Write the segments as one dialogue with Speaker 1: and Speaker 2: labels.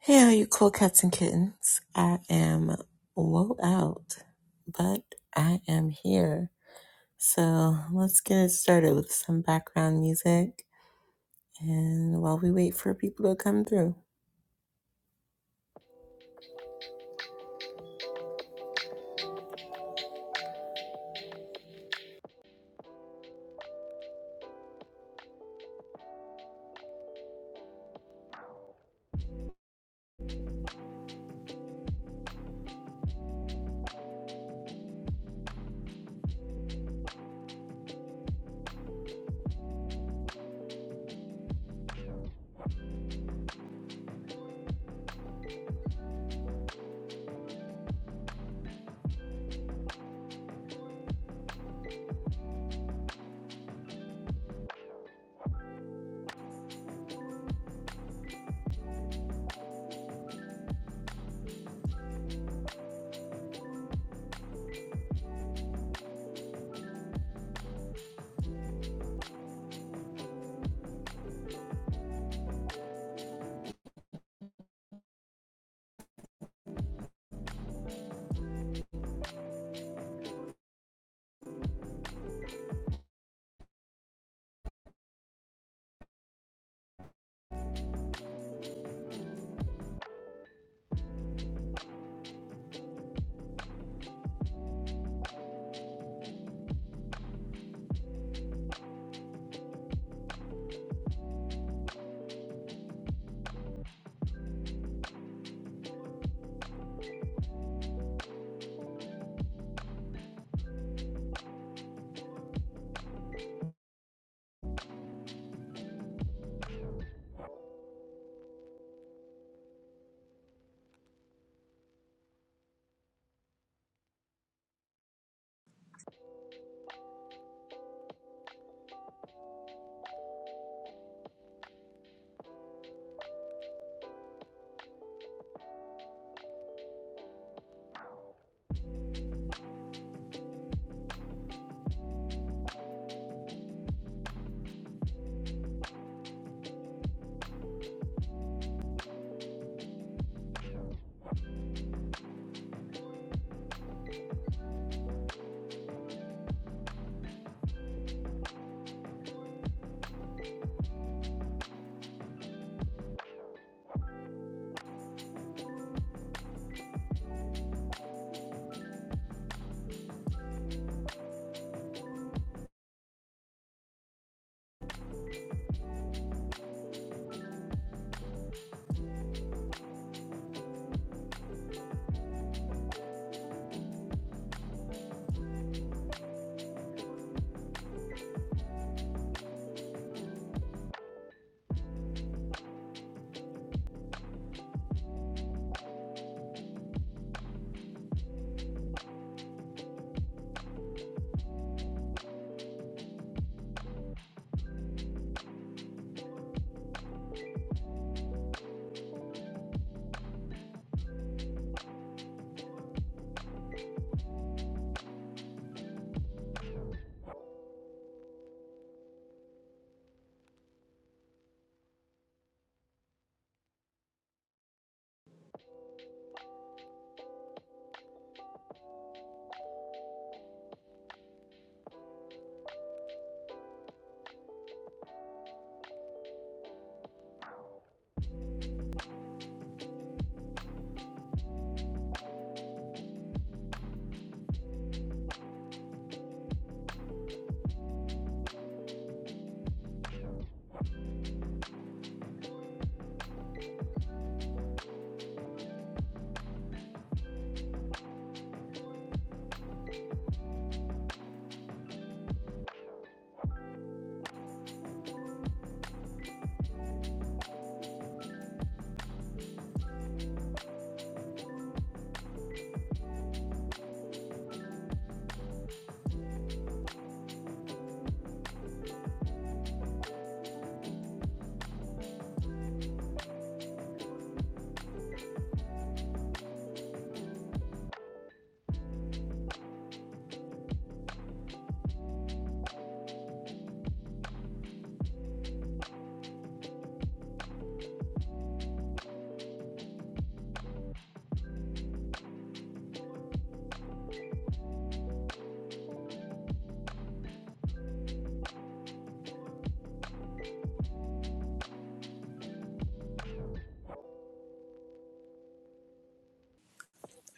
Speaker 1: Hey, all you cool cats and kittens. I am woe out, but I am here. So let's get it started with some background music and while we wait for people to come through.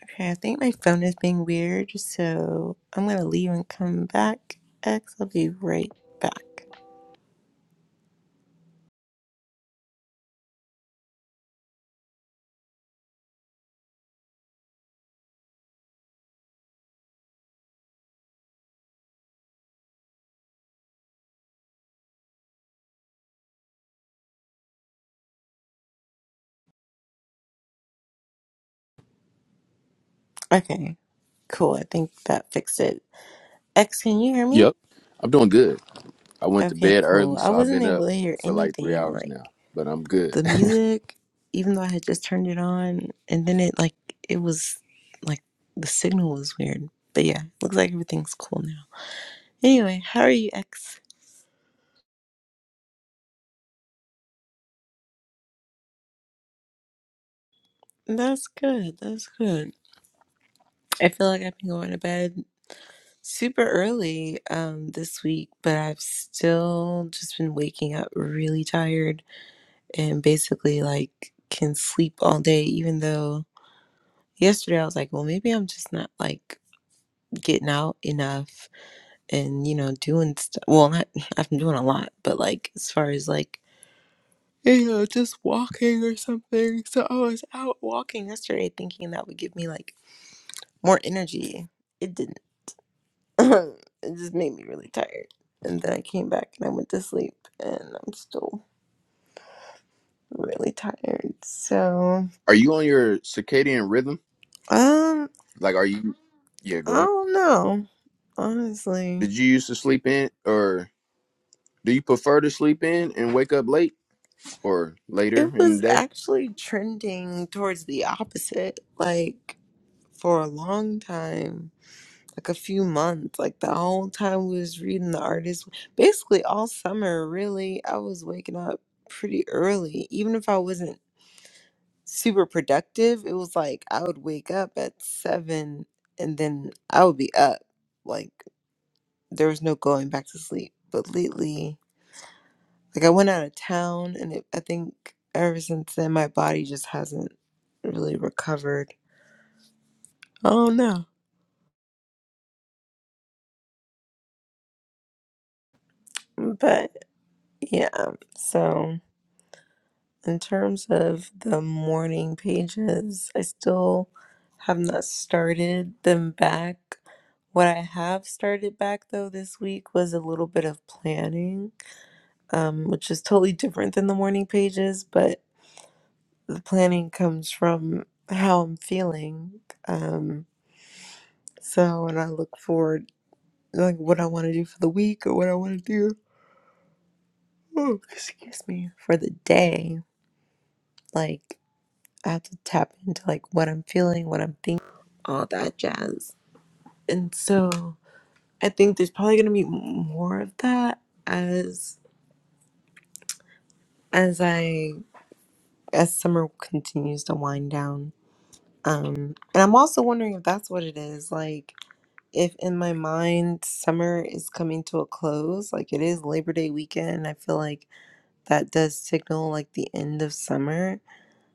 Speaker 1: Okay, I think my phone is being weird, so I'm gonna leave and come back. X, I'll be right back. Okay, cool. I think that fixed it. X, can you hear me?
Speaker 2: Yep. I'm doing good. I went to
Speaker 1: Okay,
Speaker 2: bed early,
Speaker 1: cool. I
Speaker 2: so I've
Speaker 1: wasn't
Speaker 2: been up
Speaker 1: able to hear
Speaker 2: for like three
Speaker 1: anything
Speaker 2: hours
Speaker 1: like
Speaker 2: now, but I'm good.
Speaker 1: the music, even though I had just turned it on, and then it like it was like the signal was weird. But yeah, looks like everything's cool now. Anyway, how are you, X? That's good. That's good. I feel like I've been going to bed super early um this week, but I've still just been waking up really tired and basically like can sleep all day even though yesterday I was like, well, maybe I'm just not like getting out enough and you know doing stuff well not, i've been doing a lot but like as far as like you know just walking or something so i was out walking yesterday thinking that would give me like more energy it didn't it just made me really tired and then i came back and i went to sleep and i'm still really tired so
Speaker 2: are you on your circadian rhythm?
Speaker 1: um
Speaker 2: Like, are you? Yeah,
Speaker 1: i
Speaker 2: go ahead.
Speaker 1: don't know honestly
Speaker 2: Did you used to sleep in, or do you prefer to sleep in and wake up late or later
Speaker 1: it
Speaker 2: in
Speaker 1: was
Speaker 2: the day?
Speaker 1: actually trending towards the opposite like for a long time like a few months. Like the whole time we was reading the artist, basically all summer, really, I was waking up pretty early. Even if I wasn't super productive, it was like I would wake up at seven and then I would be up. Like there was no going back to sleep. But lately, like I went out of town and it, I think ever since then, my body just hasn't really recovered. Oh no. But yeah, so. in terms of the morning pages, I still have not started them back. What I have started back though this week was a little bit of planning, um, which is totally different than the morning pages, but the planning comes from how I'm feeling. Um, so, and I look forward like what I want to do for the week or what I want to do. Oh, excuse me, for the day. Like I have to tap into like what I'm feeling, what I'm thinking, all that jazz. And so I think there's probably gonna be more of that as as I as summer continues to wind down. Um, and I'm also wondering if that's what it is. Like, if in my mind summer is coming to a close, like it is Labor Day weekend, I feel like that does signal like the end of summer.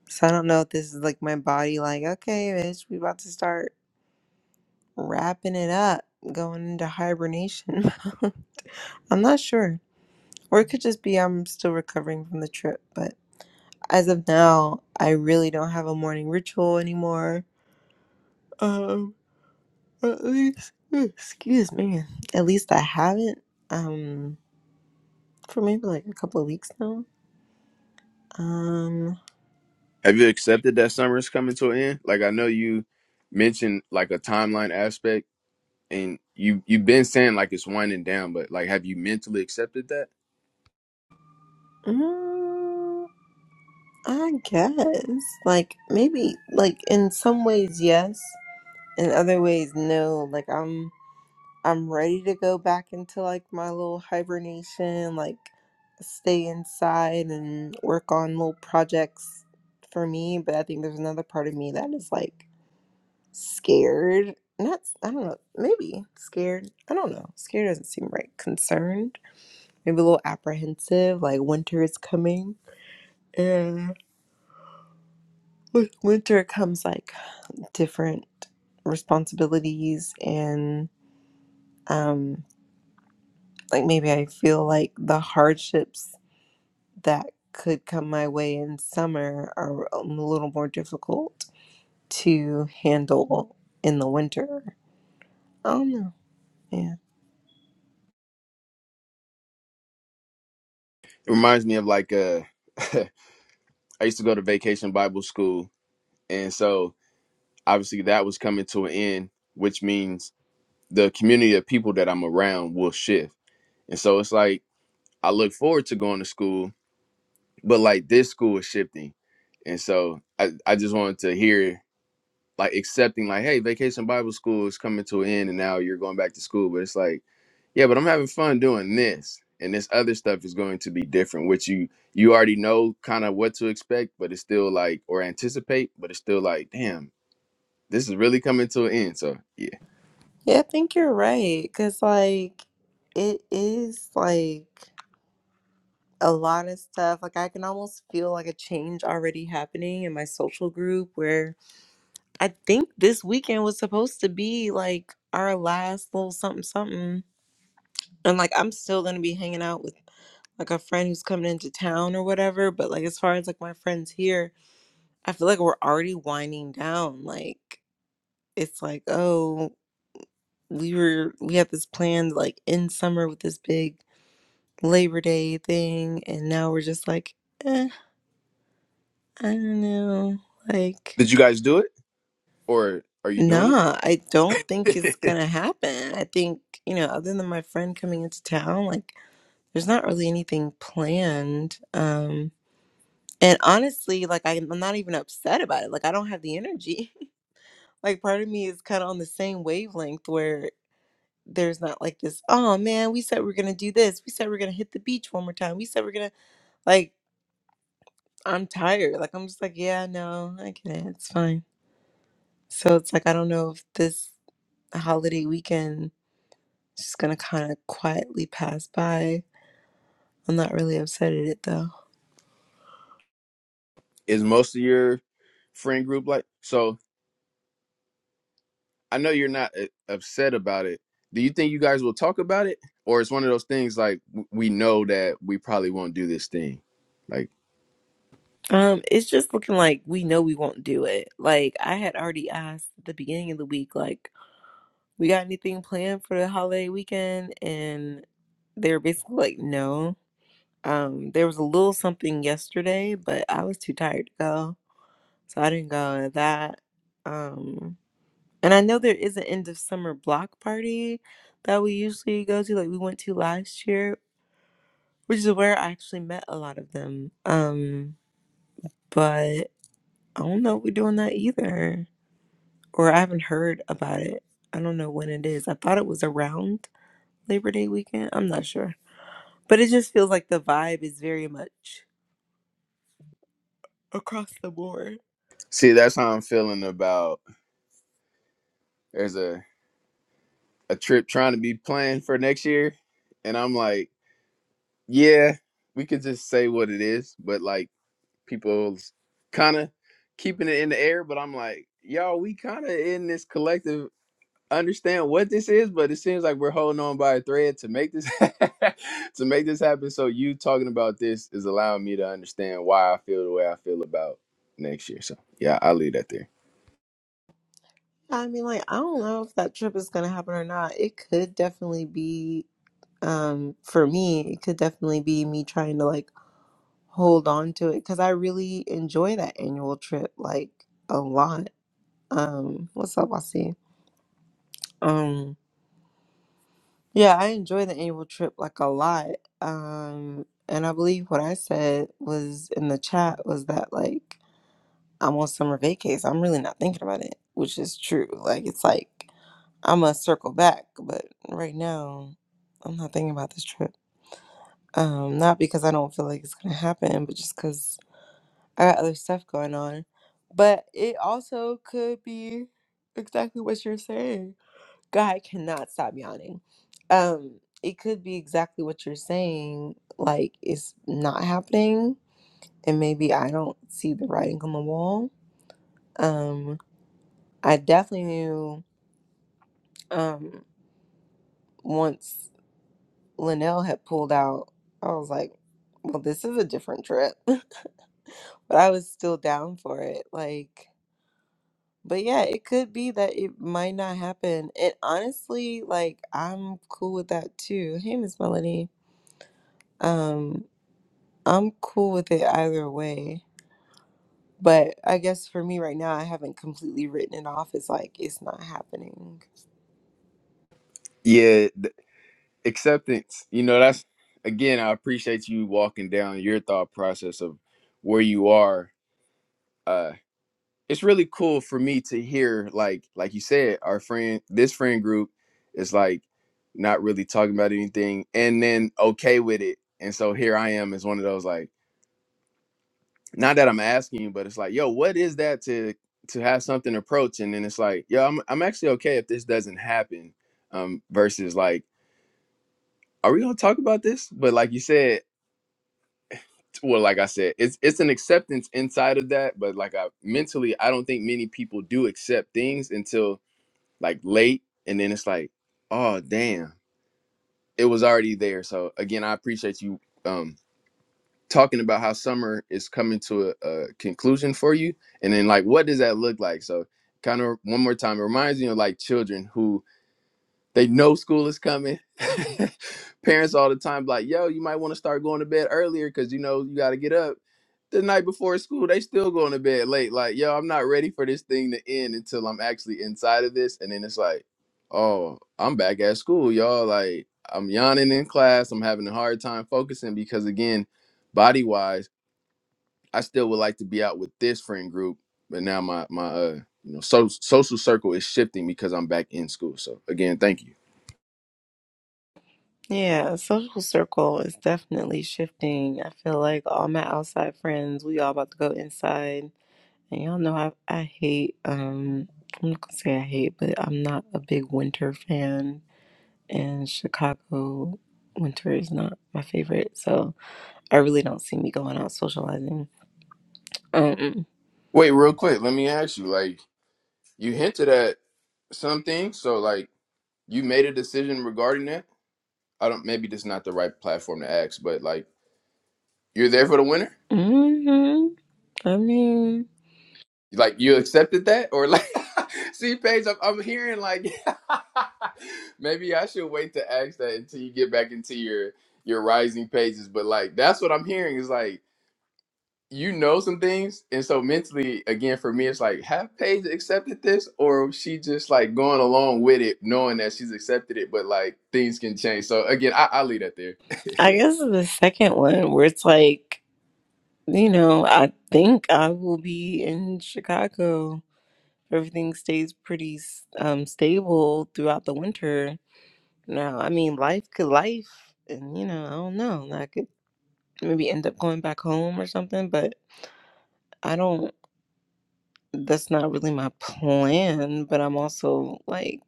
Speaker 1: So I don't know if this is like my body, like, okay, bitch, we about to start wrapping it up, going into hibernation. I'm not sure. Or it could just be I'm still recovering from the trip. But as of now, I really don't have a morning ritual anymore. Um, at least, mm, excuse me, at least I haven't. Um, for maybe like a couple of weeks now. Um,
Speaker 2: Have you accepted that summer is coming to an end? Like, I know you mentioned like a timeline aspect, and you you've been saying like it's winding down, but like, have you mentally accepted that?
Speaker 1: mm, I guess like maybe like in some ways yes, in other ways no. Like I'm. I'm ready to go back into like my little hibernation, like stay inside and work on little projects for me. But I think there's another part of me that is like scared. Not, I don't know, maybe scared. I don't know. Scared doesn't seem right. Concerned, maybe a little apprehensive, like winter is coming. And with winter comes like different responsibilities and um like maybe I feel like the hardships that could come my way in summer are a little more difficult to handle in the winter. I don't know. Yeah.
Speaker 2: It reminds me of like uh I used to go to vacation Bible school. And so obviously that was coming to an end, which means the community of people that I'm around will shift. And so it's like I look forward to going to school, but like this school is shifting. And so I, I just wanted to hear like accepting like hey vacation bible school is coming to an end and now you're going back to school but it's like yeah but i'm having fun doing this and this other stuff is going to be different which you you already know kind of what to expect but it's still like or anticipate but it's still like damn this is really coming to an end so yeah
Speaker 1: Yeah, I think you're right. Because, like, it is like a lot of stuff. Like, I can almost feel like a change already happening in my social group where I think this weekend was supposed to be like our last little something something. And, like, I'm still going to be hanging out with like a friend who's coming into town or whatever. But like as far as like my friends here, I feel like we're already winding down. Like it's like, oh, we were we had this planned like in summer with this big Labor Day thing, and now we're just like, eh, I don't know. Like,
Speaker 2: did you guys do it or are you doing
Speaker 1: nah, I don't think it's
Speaker 2: it
Speaker 1: gonna happen. I think, you know, other than my friend coming into town, like there's not really anything planned. Um And honestly, like I, I'm not even upset about it. Like I don't have the energy. like part of me is kind of on the same wavelength where there's not like this, oh man, we said we're gonna do this. We said we're gonna hit the beach one more time. We said we're gonna like I'm tired. Like I'm just like, yeah, no, I get it. It's fine. So it's like I don't know if this holiday weekend is just gonna kind of quietly pass by I'm not really upset at it though.
Speaker 2: is most of your friend group like so I know you're not uh, upset about it. Do you think you guys will talk about it, or it's one of those things like w- we know that we probably won't do this thing? Like,
Speaker 1: Um, it's just looking like we know we won't do it. Like I had already asked at the beginning of the week, like, we got anything planned for the holiday weekend? And they were basically like, no. Um, there was a little something yesterday, but I was too tired to go. So I didn't go to that. Um, And I know there is an end of summer block party that we usually go to, like we went to last year, which is where I actually met a lot of them. Um, but I don't know if we're doing that either, or I haven't heard about it. I don't know when it is. I thought it was around Labor Day weekend. I'm not sure, but it just feels like the vibe is very much across the board.
Speaker 2: see, that's how I'm feeling about. There's a a trip trying to be planned for next year, and I'm like, yeah, we could just say what it is, but like people's kind of keeping it in the air. But I'm like, y'all, we kind of in this collective. understand what this is, but it seems like we're holding on by a thread to make this to make this happen. So you talking about this is allowing me to understand why I feel the way I feel about next year. So yeah, I'll leave that there.
Speaker 1: I mean, like, I don't know if that trip is going to happen or not. It could definitely be, um, for me, it could definitely be me trying to like hold on to it because I really enjoy that annual trip like a lot. Um, what's up, I see. Um, yeah, I enjoy the annual trip like a lot. Um, and I believe what I said was in the chat was that like I'm on summer vacation. I'm really not thinking about it, which is true. Like it's like I'm gonna circle back, but right now I'm not thinking about this trip. Um, not because I don't feel like it's gonna happen, but just because I got other stuff going on. But it also could be exactly what you're saying. God I cannot stop yawning. Um, it could be exactly what you're saying, like it's not happening and maybe I don't see the writing on the wall. Um, I definitely knew um once Linnell had pulled out, I was like, Well, this is a different trip. but I was still down for it. Like But yeah, it could be that it might not happen. And honestly, like I'm cool with that too. Hey, Miss Melanie, Um, I'm cool with it either way. But I guess for me right now, I haven't completely written it off as like it's not happening.
Speaker 2: Yeah, th- acceptance. You know, that's again, I appreciate you walking down your thought process of where you are. it's really cool for me to hear like like you said our friend this friend group is like not really talking about anything and then okay with it and so here i am as one of those like not that i'm asking you but it's like yo what is that to to have something approach and then it's like yo i'm, I'm actually okay if this doesn't happen um versus like are we gonna talk about this but like you said well like i said it's it's an acceptance inside of that but like i mentally i don't think many people do accept things until like late and then it's like oh damn it was already there so again i appreciate you um talking about how summer is coming to a, a conclusion for you and then like what does that look like so kind of one more time it reminds me of like children who they know school is coming. Parents all the time like, yo, you might want to start going to bed earlier because you know you got to get up. The night before school, they still going to bed late. Like, yo, I'm not ready for this thing to end until I'm actually inside of this. And then it's like, oh, I'm back at school, y'all. Like, I'm yawning in class. I'm having a hard time focusing because, again, body wise, I still would like to be out with this friend group, but now my my uh you know so, social circle is shifting because I'm back in school. So again, thank you.
Speaker 1: Yeah, social circle is definitely shifting. I feel like all my outside friends, we all about to go inside. And y'all know I I hate um I'm not gonna say I hate, but I'm not a big winter fan and Chicago winter is not my favorite, so I really don't see me going out socializing. Um,
Speaker 2: Wait, real quick, let me ask you. Like, you hinted at something, so like you made a decision regarding that. I don't. Maybe this is not the right platform to ask, but like you're there for the winner.
Speaker 1: hmm I mean,
Speaker 2: Like you accepted that, or like see, Paige, I'm, I'm hearing like maybe I should wait to ask that until you get back into your your rising pages. But like that's what I'm hearing is like you know some things and so mentally again for me it's like have Paige accepted this or she just like going along with it knowing that she's accepted it but like things can change so again I, i leave that there
Speaker 1: I guess the second one where it's like, you know, I think I will be in Chicago. Everything stays pretty um stable throughout the winter. Now, I mean, life could life, and you know, I don't know. I could maybe end up going back home or something, but I don't. that's not really my plan, but I'm also like,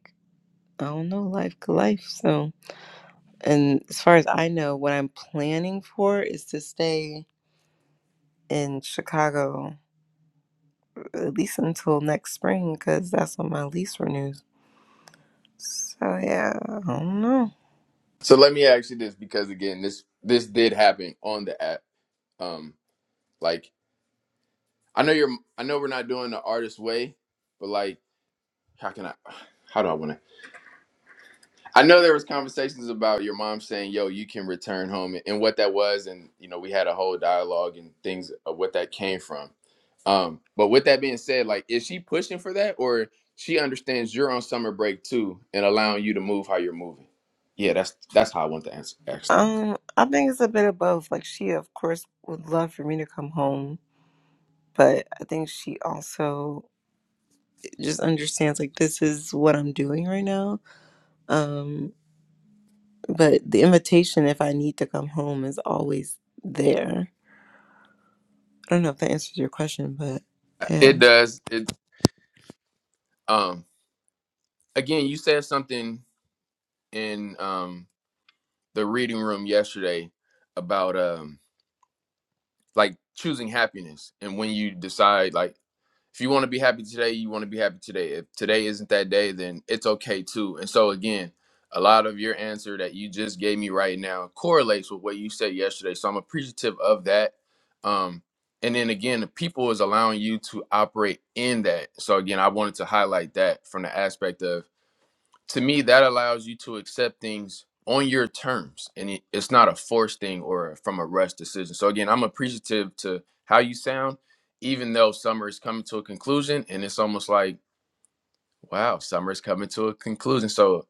Speaker 1: I don't know, life to life. So, and as far as I know, what I'm planning for is to stay in Chicago at least until next spring because that's when my lease renews. So, yeah, I don't know.
Speaker 2: so let me ask you this because again this this did happen on the app um like i know you're i know we're not doing the artist way but like how can i how do i want to I know there was conversations about your mom saying, "Yo, you can return home," and what that was, and you know, we had a whole dialogue and things of what that came from. Um, but with that being said, like, is she pushing for that, or she understands you're on summer break too, and allowing you to move how you're moving? Yeah, that's that's how I want to answer ask that.
Speaker 1: Um, I think it's a bit of both. Like, she, of course, would love for me to come home, but I think she also just understands, like, this is what I'm doing right now. Um. But the invitation, if I need to come home, is always there. I don't know if that answers your question, but yeah.
Speaker 2: It does. It um again, you said something in um the reading room yesterday about um like choosing happiness and when you decide like if you want to be happy today you want to be happy today if today isn't that day then it's okay too and so again a lot of your answer that you just gave me right now correlates with what you said yesterday so i'm appreciative of that um and then again the people is allowing you to operate in that so again i wanted to highlight that from the aspect of to me that allows you to accept things on your terms and it, it's not a forced thing or from a rush decision so again i'm appreciative to how you sound even though summer is coming to a conclusion and it's almost like wow summer is coming to a conclusion so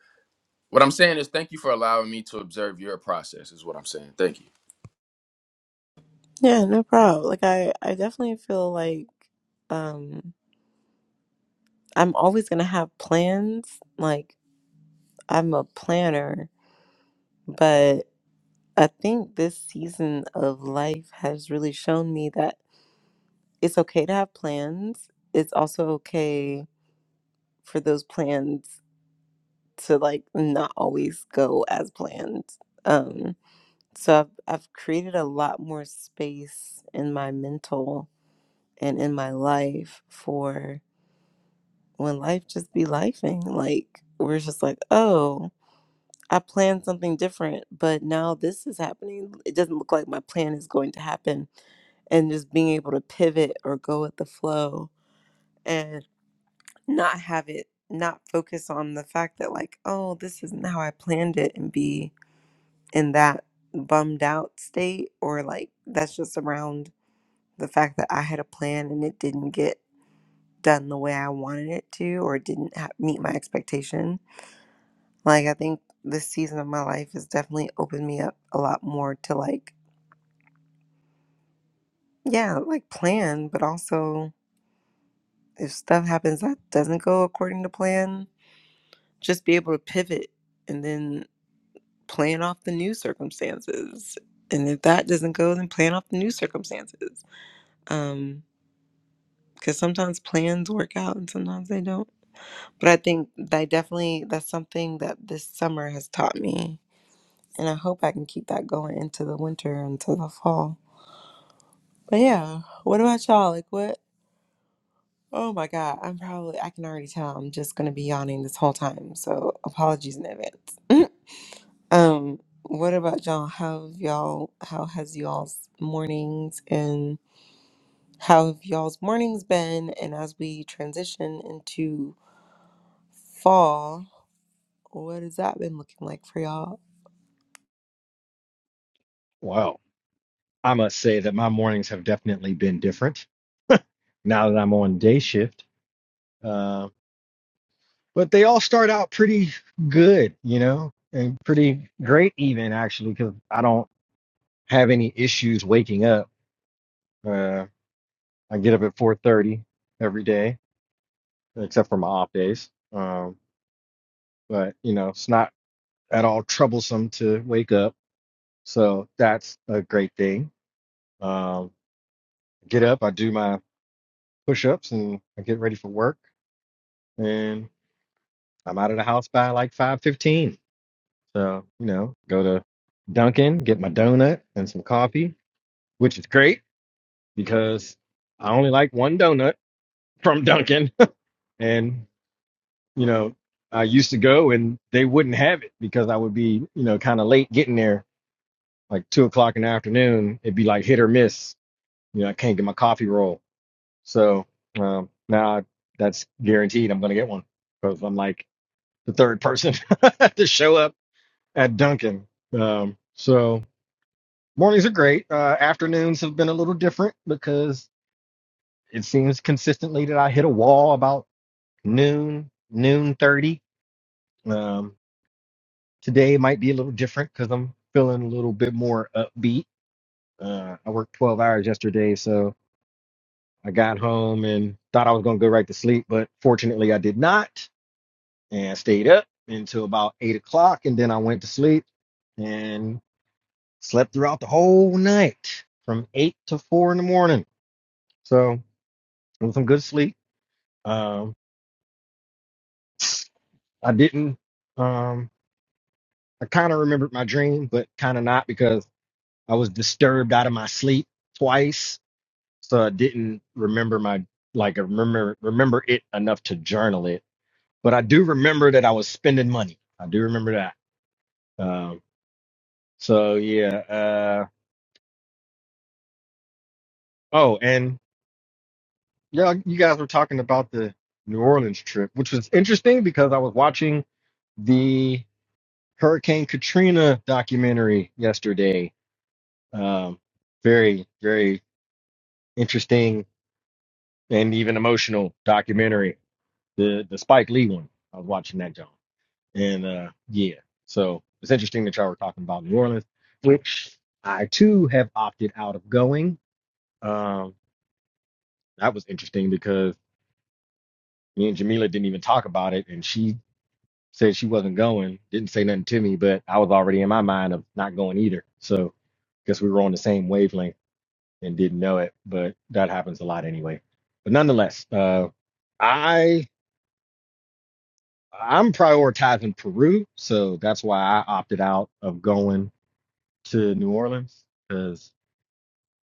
Speaker 2: what i'm saying is thank you for allowing me to observe your process is what i'm saying thank you
Speaker 1: Yeah, no problem. Like I, I definitely feel like um I'm always gonna have plans. Like I'm a planner, but I think this season of life has really shown me that it's okay to have plans. It's also okay for those plans to like not always go as planned. Um So I've, I've created a lot more space in my mental and in my life for when life just be lifing. Like, we're just like, oh, I planned something different, but now this is happening. It doesn't look like my plan is going to happen. And just being able to pivot or go with the flow and not have it, not focus on the fact that, like, oh, this isn't how I planned it and be in that bummed out state or like that's just around the fact that I had a plan and it didn't get done the way I wanted it to or it didn't ha- meet my expectation. Like, I think this season of my life has definitely opened me up a lot more to, like, yeah, like plan, but also if stuff happens that doesn't go according to plan, just be able to pivot and then plan off the new circumstances. And if that doesn't go, then plan off the new circumstances. Um, because sometimes plans work out and sometimes they don't But I think that I definitely that's something that this summer has taught me. And I hope I can keep that going into the winter, into the fall. But yeah, what about y'all? Like what oh my god, I'm probably I can already tell I'm just gonna be yawning this whole time. So apologies in advance. um, what about y'all? How have y'all how has y'all's mornings and how have y'all's mornings been? And as we transition into fall, what has that been looking like for y'all?
Speaker 3: Wow, I must say that my mornings have definitely been different now that I'm on day shift. Uh, but they all start out pretty good, you know, and pretty great even actually, because I don't have any issues waking up. Uh, I get up at 4:30 every day, except for my off days. Um, but you know, it's not at all troublesome to wake up, so that's a great thing. Um, get up, I do my push-ups, and I get ready for work, and I'm out of the house by like five fifteen. So you know, go to Dunkin', get my donut and some coffee, which is great because I only like one donut from Dunkin'. and you know, I used to go and they wouldn't have it because I would be you know kind of late getting there, like two o'clock in the afternoon. It'd be like hit or miss. You know, I can't get my coffee roll. So um, now I, that's guaranteed. I'm gonna get one because I'm like the third person to show up at Duncan. Um, so mornings are great. Uh, afternoons have been a little different because it seems consistently that I hit a wall about noon, noon thirty. Um, today might be a little different because I'm feeling a little bit more upbeat. Uh, I worked twelve hours yesterday, so I got home and thought I was gonna go right to sleep, but fortunately I did not, and I stayed up until about eight o'clock, and then I went to sleep and. Slept throughout the whole night from eight to four in the morning. So it was some good sleep. Um, I didn't. Um, I kind of remembered my dream, but kind of not because I was disturbed out of my sleep twice. So I didn't remember my like I remember remember it enough to journal it. But I do remember that I was spending money. I do remember that. Um, so yeah. Uh, oh, and Yeah, you guys were talking about the New Orleans trip, which was interesting because I was watching the Hurricane Katrina documentary yesterday. Um, very, very interesting and even emotional documentary. The the Spike Lee one. I was watching that, John. And uh, yeah, so it's interesting that y'all were talking about New Orleans, which I too have opted out of going. Um, that was interesting because me and Jamila didn't even talk about it, and she said she wasn't going, didn't say nothing to me, but I was already in my mind of not going either. So guess we were on the same wavelength and didn't know it, but that happens a lot anyway. But nonetheless, uh, I I'm prioritizing Peru, so that's why I opted out of going to New Orleans because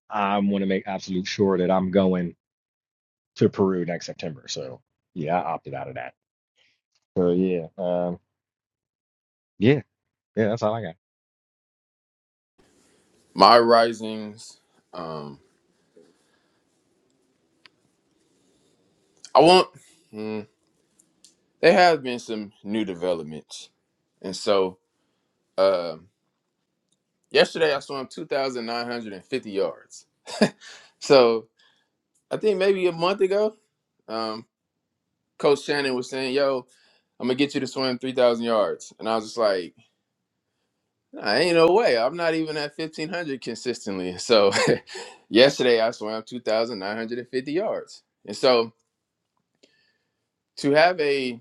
Speaker 3: I want to make absolute sure that I'm going to Peru next September. So yeah, I opted out of that. So yeah, um, yeah, yeah, that's all I got.
Speaker 2: my risings um i won't mm, there have been some new developments and so um yesterday i swam 2950 yards So I think maybe a month ago, um, Coach Shannon was saying, "Yo, I'm gonna get you to swim 3,000 yards," and I was just like, "I ain't no way. I'm not even at 1,500 consistently." So yesterday I swam 2,950 yards, and so to have a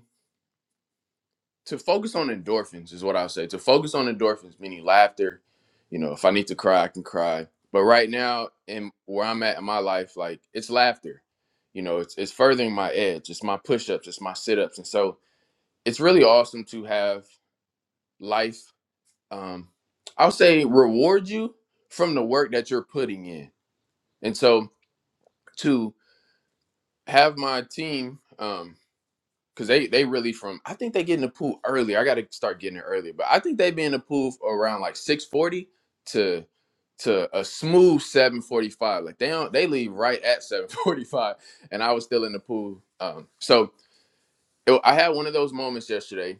Speaker 2: to focus on endorphins is what I'll say. To focus on endorphins, meaning laughter. You know, if I need to cry, I can cry. But right now, in where I'm at in my life, like it's laughter. You know, it's it's furthering my edge. It's my push-ups. It's my sit-ups, and so it's really awesome to have life um i'll say reward you from the work that you're putting in and so to have my team um because they they really from i think they get in the pool early i gotta start getting it earlier but i think they be in the pool around like 640 to to a smooth 745 like they don't they leave right at 745 and i was still in the pool um so it- i had one of those moments yesterday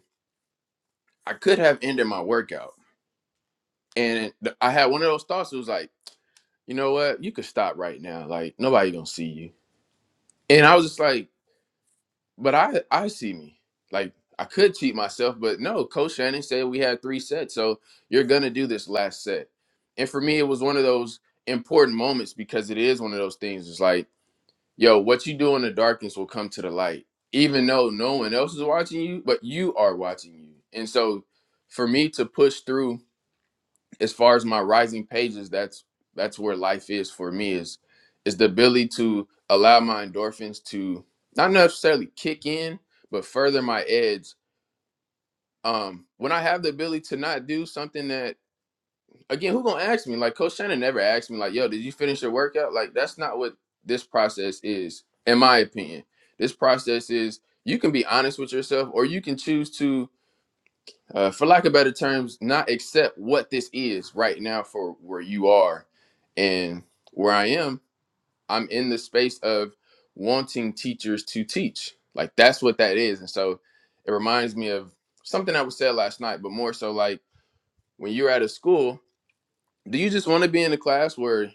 Speaker 2: i could have ended my workout And it- I had one of those thoughts. It was like, you know what? You could stop right now. Like nobody gonna see you. And I was just like, but I I see me. Like I could cheat myself, but no. Coach Shannon said we had three sets, so you're gonna do this last set. And for me, it was one of those important moments because it is one of those things. It's like, yo, what you do in the darkness will come to the light, even though no one else is watching you, but you are watching you. And so, for me to push through as far as my rising pages that's that's where life is for me is is the ability to allow my endorphins to not necessarily kick in but further my edge um when i have the ability to not do something that again who gonna ask me like coach shannon never asked me like yo did you finish your workout like that's not what this process is in my opinion this process is you can be honest with yourself or you can choose to uh, for lack of better terms, not accept what this is right now for where you are and where I am. I'm in the space of wanting teachers to teach. Like that's what that is. And so it reminds me of something that was said last night, but more so like when you're at a school, do you just want to be in a class where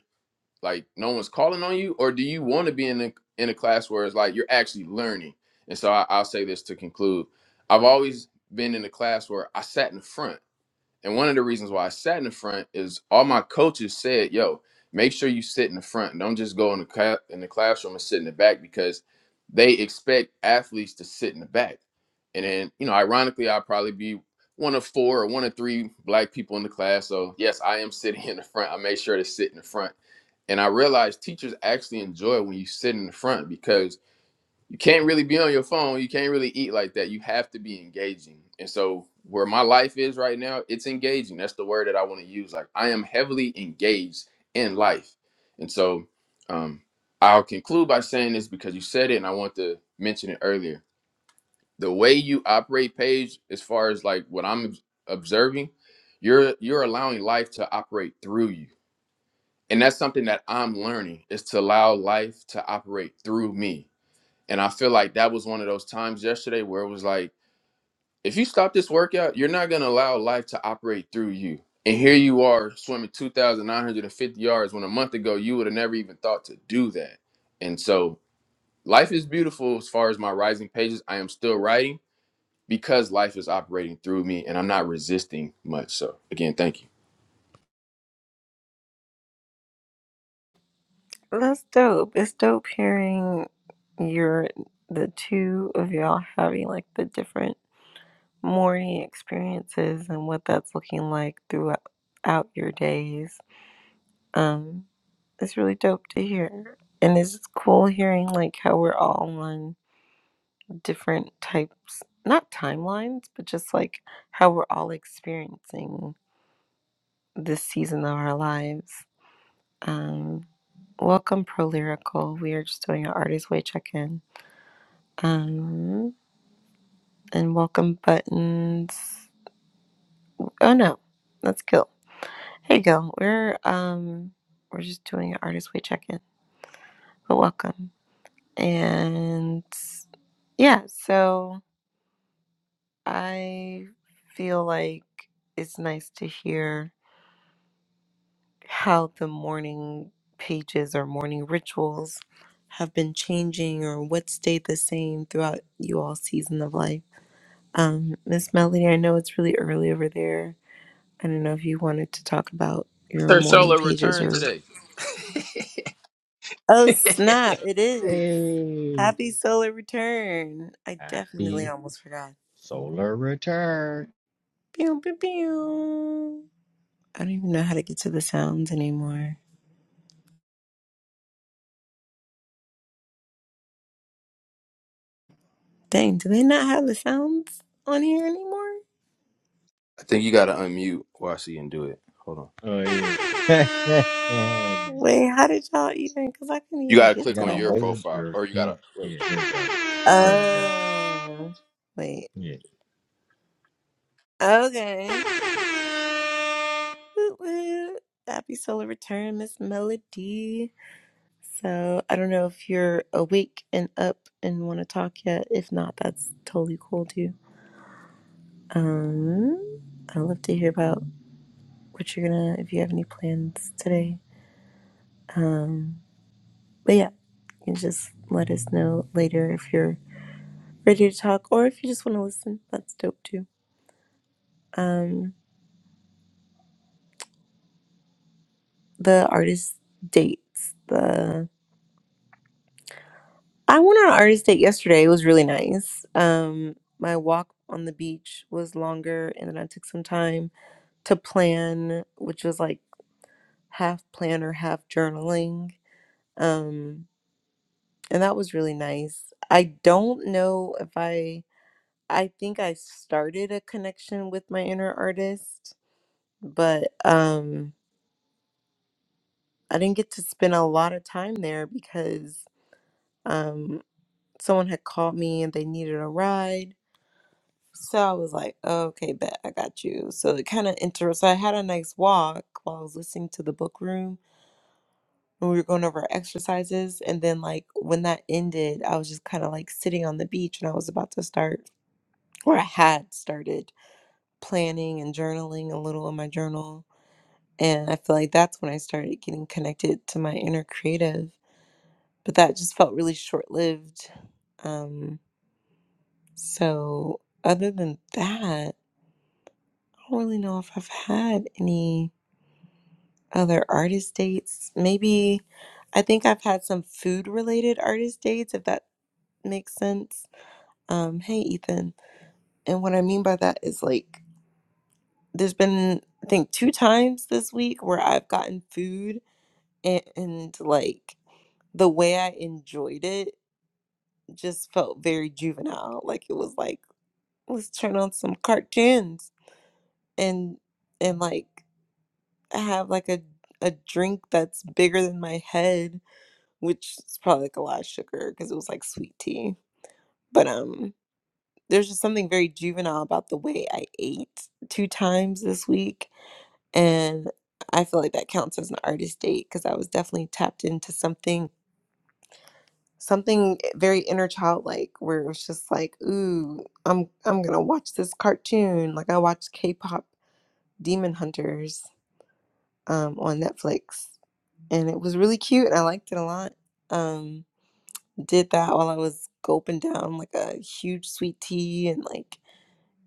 Speaker 2: like no one's calling on you, or do you want to be in a in a class where it's like you're actually learning? And so I, I'll say this to conclude. I've always been in a class where I sat in front and one of the reasons why I sat in the front is all my coaches said, "Yo, make sure you sit in the front. Don't just go in the cla- in the classroom and sit in the back because they expect athletes to sit in the back." And then, you know, ironically, I'll probably be one of four or one of three black people in the class. So yes, I am sitting in the front. I made sure to sit in the front. And I realized teachers actually enjoy when you sit in the front because you can't really be on your phone. You can't really eat like that. You have to be engaging. And so where my life is right now, it's engaging. That's the word that I want to use. Like I am heavily engaged in life. And so um I'll conclude by saying this because you said it and I want to mention it earlier. The way you operate Paige, as far as like what I'm observing, you're you're allowing life to operate through you. And that's something that I'm learning is to allow life to operate through me and I feel like that was one of those times yesterday where it was like, if you stop this workout, you're not going to allow life to operate through you. And here you are swimming 2,950 yards when a month ago you would have never even thought to do that. And so life is beautiful as far as my rising pages. I am still writing because life is operating through me and I'm not resisting much. So again, thank you.
Speaker 1: That's dope. It's dope hearing your the two of y'all having like the different morning experiences and what that's looking like throughout out your days. Um, it's really dope to hear, and it's just cool hearing like how we're all on different types, not timelines, but just like how we're all experiencing this season of our lives. Um, welcome, Pro Lyrical. We are just doing an artist way check in. Um, and welcome buttons. Oh no, that's cool. Here you go. We're um, we're just doing an artist way check in, but welcome. And yeah, so I feel like it's nice to hear how the morning pages or morning rituals have been changing or what stayed the same throughout you all season of life. Um, Miss Melody, I know it's really early over there I don't know if you wanted to talk about your
Speaker 2: Sir
Speaker 1: morning
Speaker 2: Solo
Speaker 1: pages
Speaker 2: return
Speaker 1: or.
Speaker 2: today.
Speaker 1: Oh, snap. It is.
Speaker 3: Hey,
Speaker 1: Happy solar return. I
Speaker 3: happy
Speaker 1: definitely almost forgot.
Speaker 3: Solar return.
Speaker 1: Pew, pew, pew. I don't even know how to get to the sounds anymore. Dang, do they not have the sounds on here anymore?
Speaker 2: I think you got to unmute while she can do it. Hold on.
Speaker 3: Oh yeah. And
Speaker 1: Wait, how did y'all even? Because I couldn't
Speaker 2: You
Speaker 1: even
Speaker 2: gotta
Speaker 1: get
Speaker 3: you
Speaker 2: click
Speaker 1: to
Speaker 3: gotta
Speaker 2: on your
Speaker 1: that.
Speaker 3: hold
Speaker 2: profile,
Speaker 3: your
Speaker 2: or you gotta
Speaker 3: thing.
Speaker 2: wait.
Speaker 3: Yeah, there you
Speaker 1: Oh, wait.
Speaker 3: go. There you
Speaker 1: Okay. Woot woot. Happy solar return, Miss Melody. So I don't know if you're awake and up and want to talk yet. If not, that's totally cool too. Um, I'd love to hear about what you're gonna, if you have any plans today. Um, but yeah, you can just let us know later if you're ready to talk or if you just want to listen. That's dope too. Um, the artist dates. The I went on an artist date yesterday. It was really nice. Um, my walk on the beach was longer, and then I took some time to plan, which was like half planner, half journaling. Um, and that was really nice. I don't know if I, I think I started a connection with my inner artist, but um, I didn't get to spend a lot of time there because um, someone had called me and they needed a ride. So I was like, "Oh, okay, bet I got you. So it kind of inter. So I had a nice walk while I was listening to the book room when we were going over our exercises. And then, like, when that ended, I was just kind of like sitting on the beach and I was about to start, or I had started planning and journaling a little in my journal. And I feel like that's when I started getting connected to my inner creative. But that just felt really short lived. Um, so, other than that, I don't really know if I've had any other artist dates. Maybe I think I've had some food related artist dates, if that makes sense Um, hey, Ethan. And what I mean by that is like, there's been, I think, two times this week where I've gotten food and, and like the way I enjoyed it just felt very juvenile. Like it was like, let's turn on some cartoons and, and like have like a, a drink that's bigger than my head, which is probably like a lot of sugar because it was like sweet tea. But, um, there's just something very juvenile about the way I ate two times this week and I feel like that counts as an artist date because I was definitely tapped into something something very inner childlike where it was just like, ooh, I'm I'm gonna watch this cartoon. Like I watched K-pop Demon Hunters um, on Netflix, and it was really cute, and I liked it a lot. Um, did that while I was gulping down like a huge sweet tea and like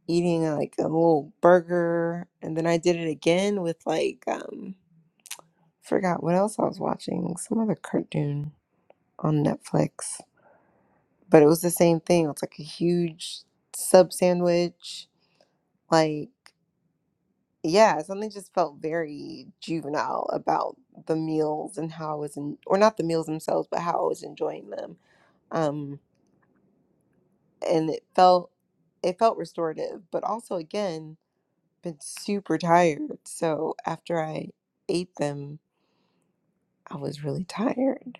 Speaker 1: eating like a little burger, and then I did it again with like um, Forgot what else I was watching. Some other cartoon on Netflix. But it was the same thing. It's like a huge sub sandwich. Like, yeah, something just felt very juvenile about the meals and how I was in, or not the meals themselves, but how I was enjoying them. Um, and it felt, it felt restorative, but also again, been super tired. So after I ate them, I was really tired.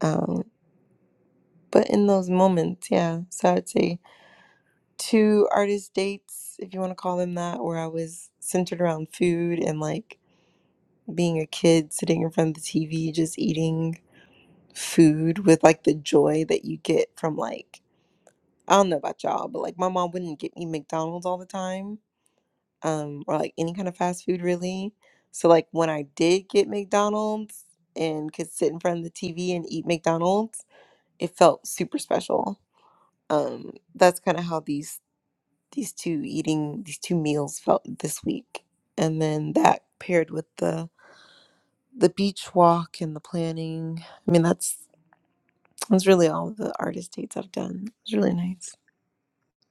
Speaker 1: Um. But in those moments, yeah. So I'd say two artist dates, if you want to call them that, where I was centered around food and like being a kid sitting in front of the TV, just eating food with like the joy that you get from like, I don't know about y'all, but like my mom wouldn't get me McDonald's all the time um, or like any kind of fast food really. So like when I did get McDonald's and could sit in front of the TV and eat McDonald's, it felt super special um that's kind of how these these two eating these two meals felt this week and then that paired with the the beach walk and the planning i mean that's that's really all the artist dates i've done it's really nice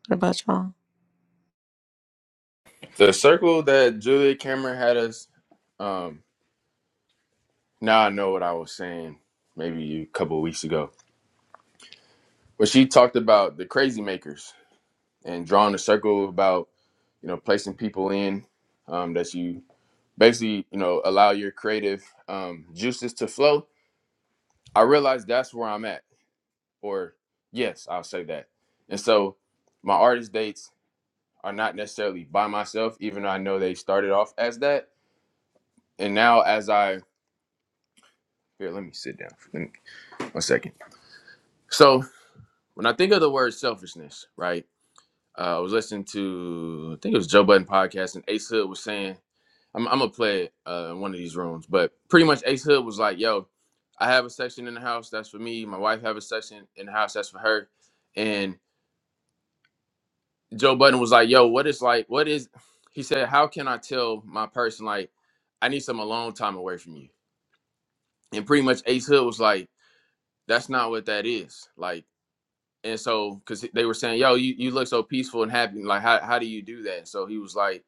Speaker 1: what about y'all
Speaker 2: The circle that Julia Cameron had us. Um, now I know what I was saying. Maybe a couple of weeks ago, but she talked about the crazy makers and drawing a circle about you know placing people in um, that you basically you know allow your creative um, juices to flow. I realized that's where I'm at, or yes, I'll say that. And so my artist dates are not necessarily by myself, even though I know they started off as that And now, as I here, let me sit down for let me- one second. So, when I think of the word selfishness, right? Uh, I was listening to I think it was Joe Budden podcast, and Ace Hood was saying, "I'm, I'm gonna play it uh, in one of these rooms," but pretty much Ace Hood was like, "Yo, I have a section in the house that's for me. My wife have a section in the house that's for her." And Joe Budden was like, "Yo, what is like? What is?" He said, "How can I tell my person like I need some alone time away from you?" And pretty much Ace Hood was like, "That's not what that is. Like." and so because they were saying yo you, you look so peaceful and happy like how, how do you do that so he was like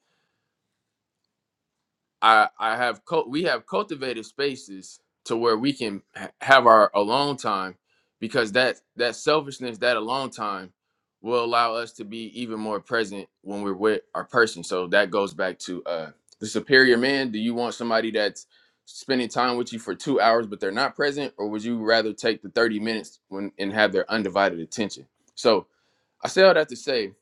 Speaker 2: i i have cult we have cultivated spaces to where we can ha- have our alone time because that that selfishness that alone time will allow us to be even more present when we're with our person so that goes back to uh the superior man do you want somebody that's spending time with you for two hours but they're not present or would you rather take the 30 minutes when and have their undivided attention so I say all that to say,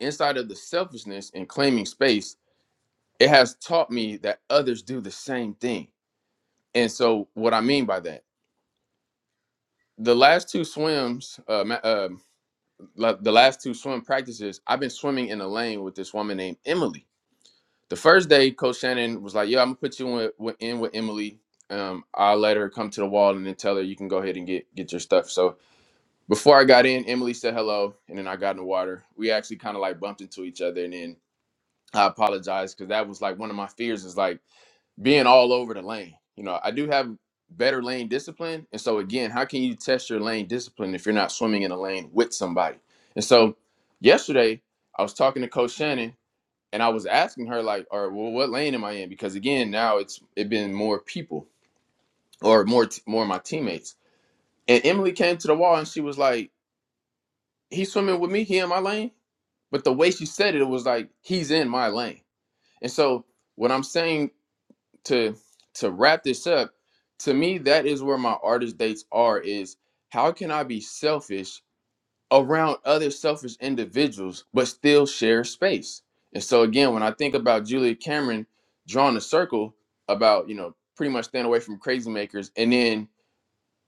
Speaker 2: inside of the selfishness and claiming space, it has taught me that others do the same thing. And so, what I mean by that, the last two swims, uh, ma- um, la- the last two swim practices, I've been swimming in a lane with this woman named Emily. The first day, Coach Shannon was like, "Yo, I'm gonna put you in with, in with Emily. Um, I'll let her come to the wall and then tell her you can go ahead and get get your stuff." So before I got in, Emily said hello, and then I got in the water. We actually kind of like bumped into each other, and then I apologize because that was like one of my fears is like being all over the lane. You know, I do have better lane discipline. And so, again, how can you test your lane discipline if you're not swimming in a lane with somebody? And so, yesterday, I was talking to Coach Shannon and I was asking her, like, all right, well, what lane am I in? Because again, now it's it been more people or more, t- more of my teammates. And Emily came to the wall and she was like, he's swimming with me. He in my lane. But the way she said it, it was like, he's in my lane. And so, what I'm saying to to wrap this up to me that is where my artist dates are is how can i be selfish around other selfish individuals but still share space and so again when i think about julia cameron drawing a circle about you know pretty much staying away from crazy makers and then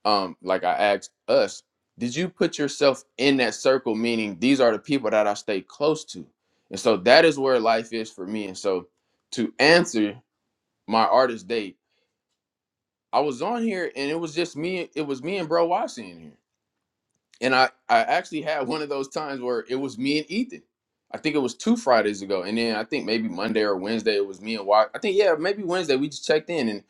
Speaker 2: um like i asked us did you put yourself in that circle meaning these are the people that i stay close to and so that is where life is for me and so to answer my artist date I was on here and it was just me. It was me and Bro Watson in here, and I I actually had one of those times where it was me and Ethan. I think it was two Fridays ago, and then I think maybe Monday or Wednesday it was me and Watson. I think yeah, maybe Wednesday we just checked in and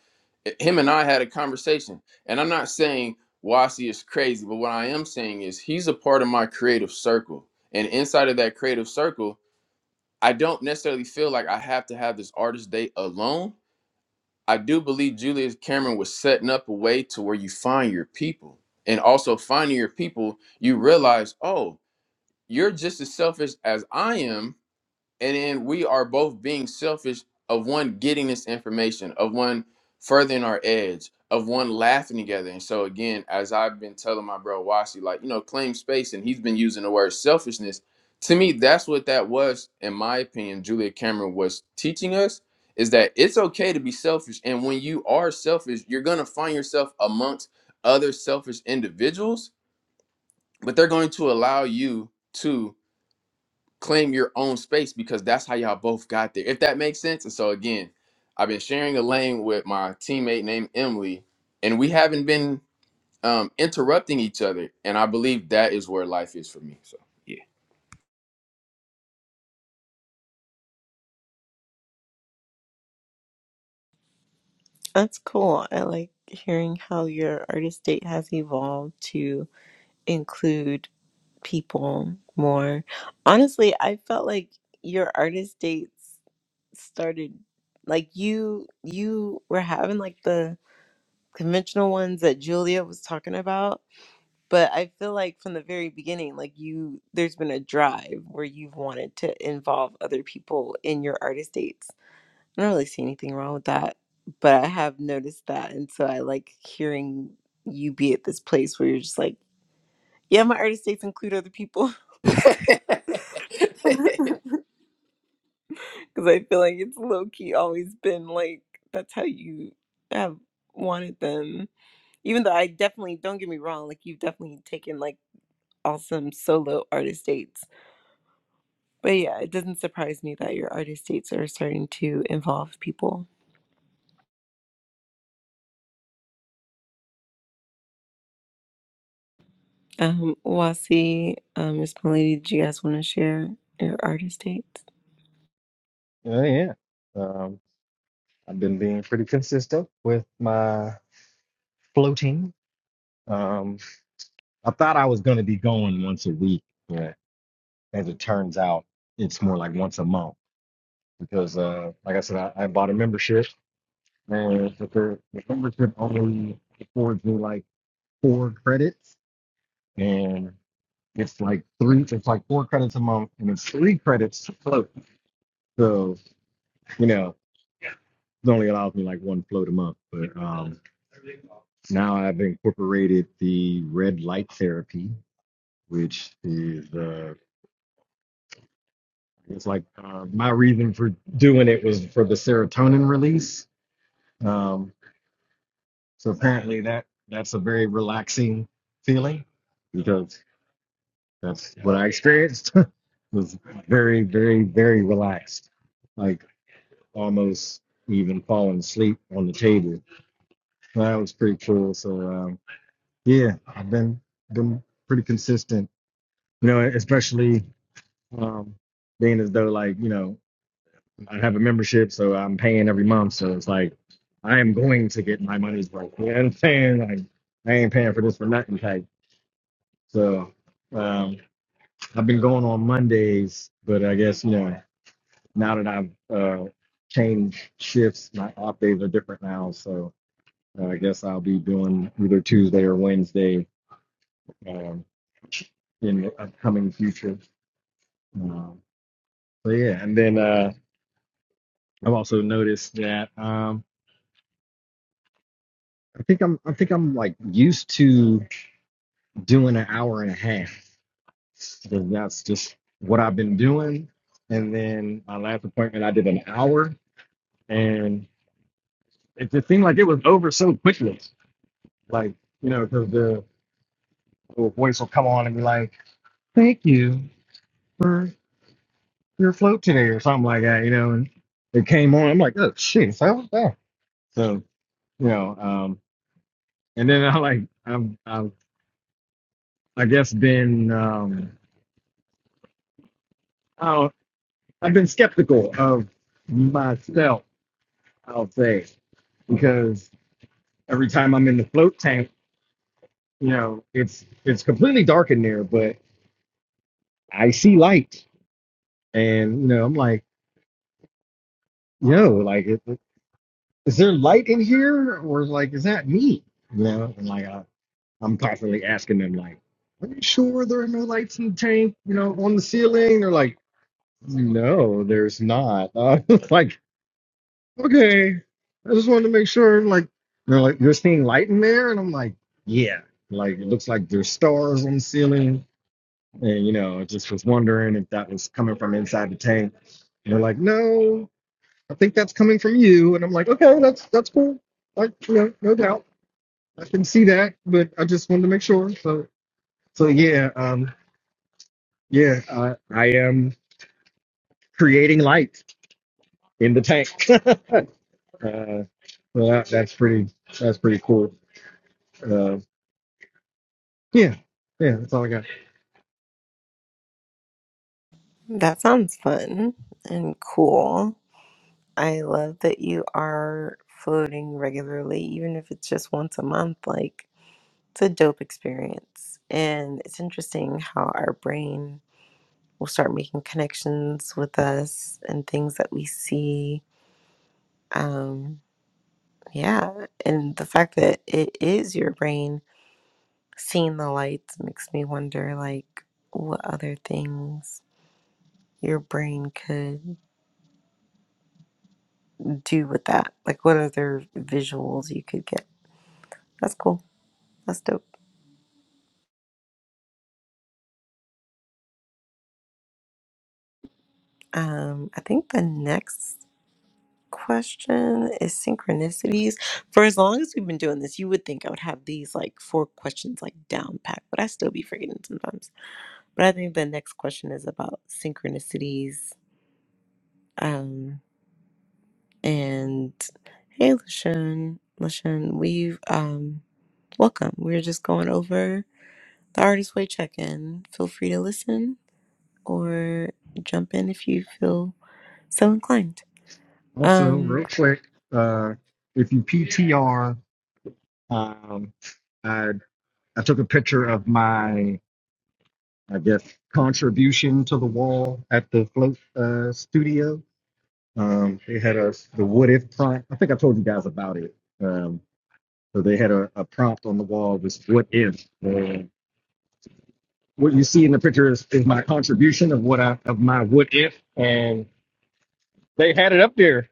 Speaker 2: it- him and I had a conversation. And I'm not saying Wasi is crazy, but what I am saying is he's a part of my creative circle, and inside of that creative circle, I don't necessarily feel like I have to have this artist date alone I do believe Julius Cameron was setting up a way to where you find your people. And also finding your people, you realize, oh, you're just as selfish as I am and then we are both being selfish of one getting this information of one furthering our edge of one laughing together and so again as i've been telling my bro Wasi, like you know claim space and he's been using the word selfishness to me that's what that was in my opinion julia cameron was teaching us is that it's okay to be selfish and when you are selfish you're going to find yourself amongst other selfish individuals but they're going to allow you to claim your own space because that's how y'all both got there. If that makes sense. And so again, I've been sharing a lane with my teammate named Emily, and we haven't been um, interrupting each other. And I believe that is where life is for me. So yeah,
Speaker 1: that's cool i like hearing how your artist date has evolved to include people more honestly i felt like your artist dates started like you you were having like the conventional ones that Julia was talking about. But I feel like from the very beginning, like you, there's been a drive where you've wanted to involve other people in your artist dates. I don't really see anything wrong with that, but I have noticed that. And so I like hearing you be at this place where you're just like, yeah, my artist dates include other people. Because I feel like it's low key always been like, that's how you have wanted them even though I definitely don't get me wrong, like you've definitely taken like awesome solo artist dates. But yeah, it doesn't surprise me that your artist dates are starting to involve people. Um, Wasi, um, Miss Milady, do you guys want to share your artist dates?
Speaker 3: go. Yeah. Oh yeah. Um I've been being pretty consistent with my floating. Um I thought I was gonna be going once a week, but as it turns out, it's more like once a month. Because uh like I said, I, I bought a membership and the, the membership only affords me like four credits. and. It's like three, it's like four credits a month, and it's three credits to float. So, you know, it only allows me like one float a month. But um, now I've incorporated the red light therapy, which is uh, it's like uh, my reason for doing it was for the serotonin release. Um, so apparently that that's a very relaxing feeling because that's what I experienced. was very, very, very relaxed. Like almost even falling asleep on the table. That was pretty cool. So um, yeah, I've been been pretty consistent. You know, especially um, being as though like you know I have a membership, so I'm paying every month. So it's like I am going to get my money's worth. You know what I'm saying? Like I ain't paying for this for nothing type. So um, I've been going on Mondays, but I guess you know now that I've uh, changed shifts, my off days are different now. So Uh, I guess I'll be doing either Tuesday or Wednesday um, in the upcoming future. Um, so yeah, and then uh, I've also noticed that um, I think I'm I think I'm like used to doing an hour and a half. Because that's just what I've been doing. And then my last appointment, I did an hour, and it just seemed like it was over so quickly. Like you know, because the little voice will come on and be like, "Thank you." for." you're afloat today or something like that, you know. And it came on. I'm like, oh shit, so was that. So you know, um, and then I like I've I've I guess been um, I I've been skeptical of myself. I'll say because every time I'm in the float tank, you know, it's it's completely dark in there, but I see light, and you know, I'm like, yo, like, is, is there light in here, or like, is that me? You know, and like, I, I'm constantly asking them, like, are you sure there are no lights in the tank, you know, on the ceiling? They're like, no, there's not. Uh, it's like, okay, I just wanted to make sure. Like, they're like, you're seeing light in there? And I'm like, yeah. Like, it looks like there's stars on the ceiling. And, you know, I just was wondering if that was coming from inside the tank. And they're like, no, I think that's coming from you. And I'm like, okay, that's that's cool. Like, you know, no doubt. I can see that, but I just wanted to make sure. So. So yeah, um, yeah, I, I am creating light in the tank. uh, well, that, that's pretty. That's pretty cool. Uh, yeah, yeah, that's all I got.
Speaker 1: That sounds fun and cool. I love that you are floating regularly, even if it's just once a month. Like, it's a dope experience. And it's interesting how our brain will start making connections with us and things that we see. Um, Yeah, and the fact that it is your brain seeing the lights makes me wonder like what other things your brain could do with that. Like what other visuals you could get. That's cool. That's dope. Um I think the next question is synchronicities. For as long as we've been doing this, you would think I would have these like four questions like down packed, but I still be forgetting sometimes. But I think the next question is about synchronicities. Um And hey, Lashawn, Lashawn, we've um welcome. We're just going over the Artist Way check-in. Feel free to listen or jump in if you feel so inclined.
Speaker 3: Also,
Speaker 1: Um,
Speaker 3: real quick, uh, if you PTR, um, I I took a picture of my I guess contribution to the wall at the float uh, studio. Um, they had a the what if prompt. I think I told you guys about it. Um, So they had a, a prompt on the wall was what if. And what you see in the picture is, is my contribution of what I of my what if. And they had it up there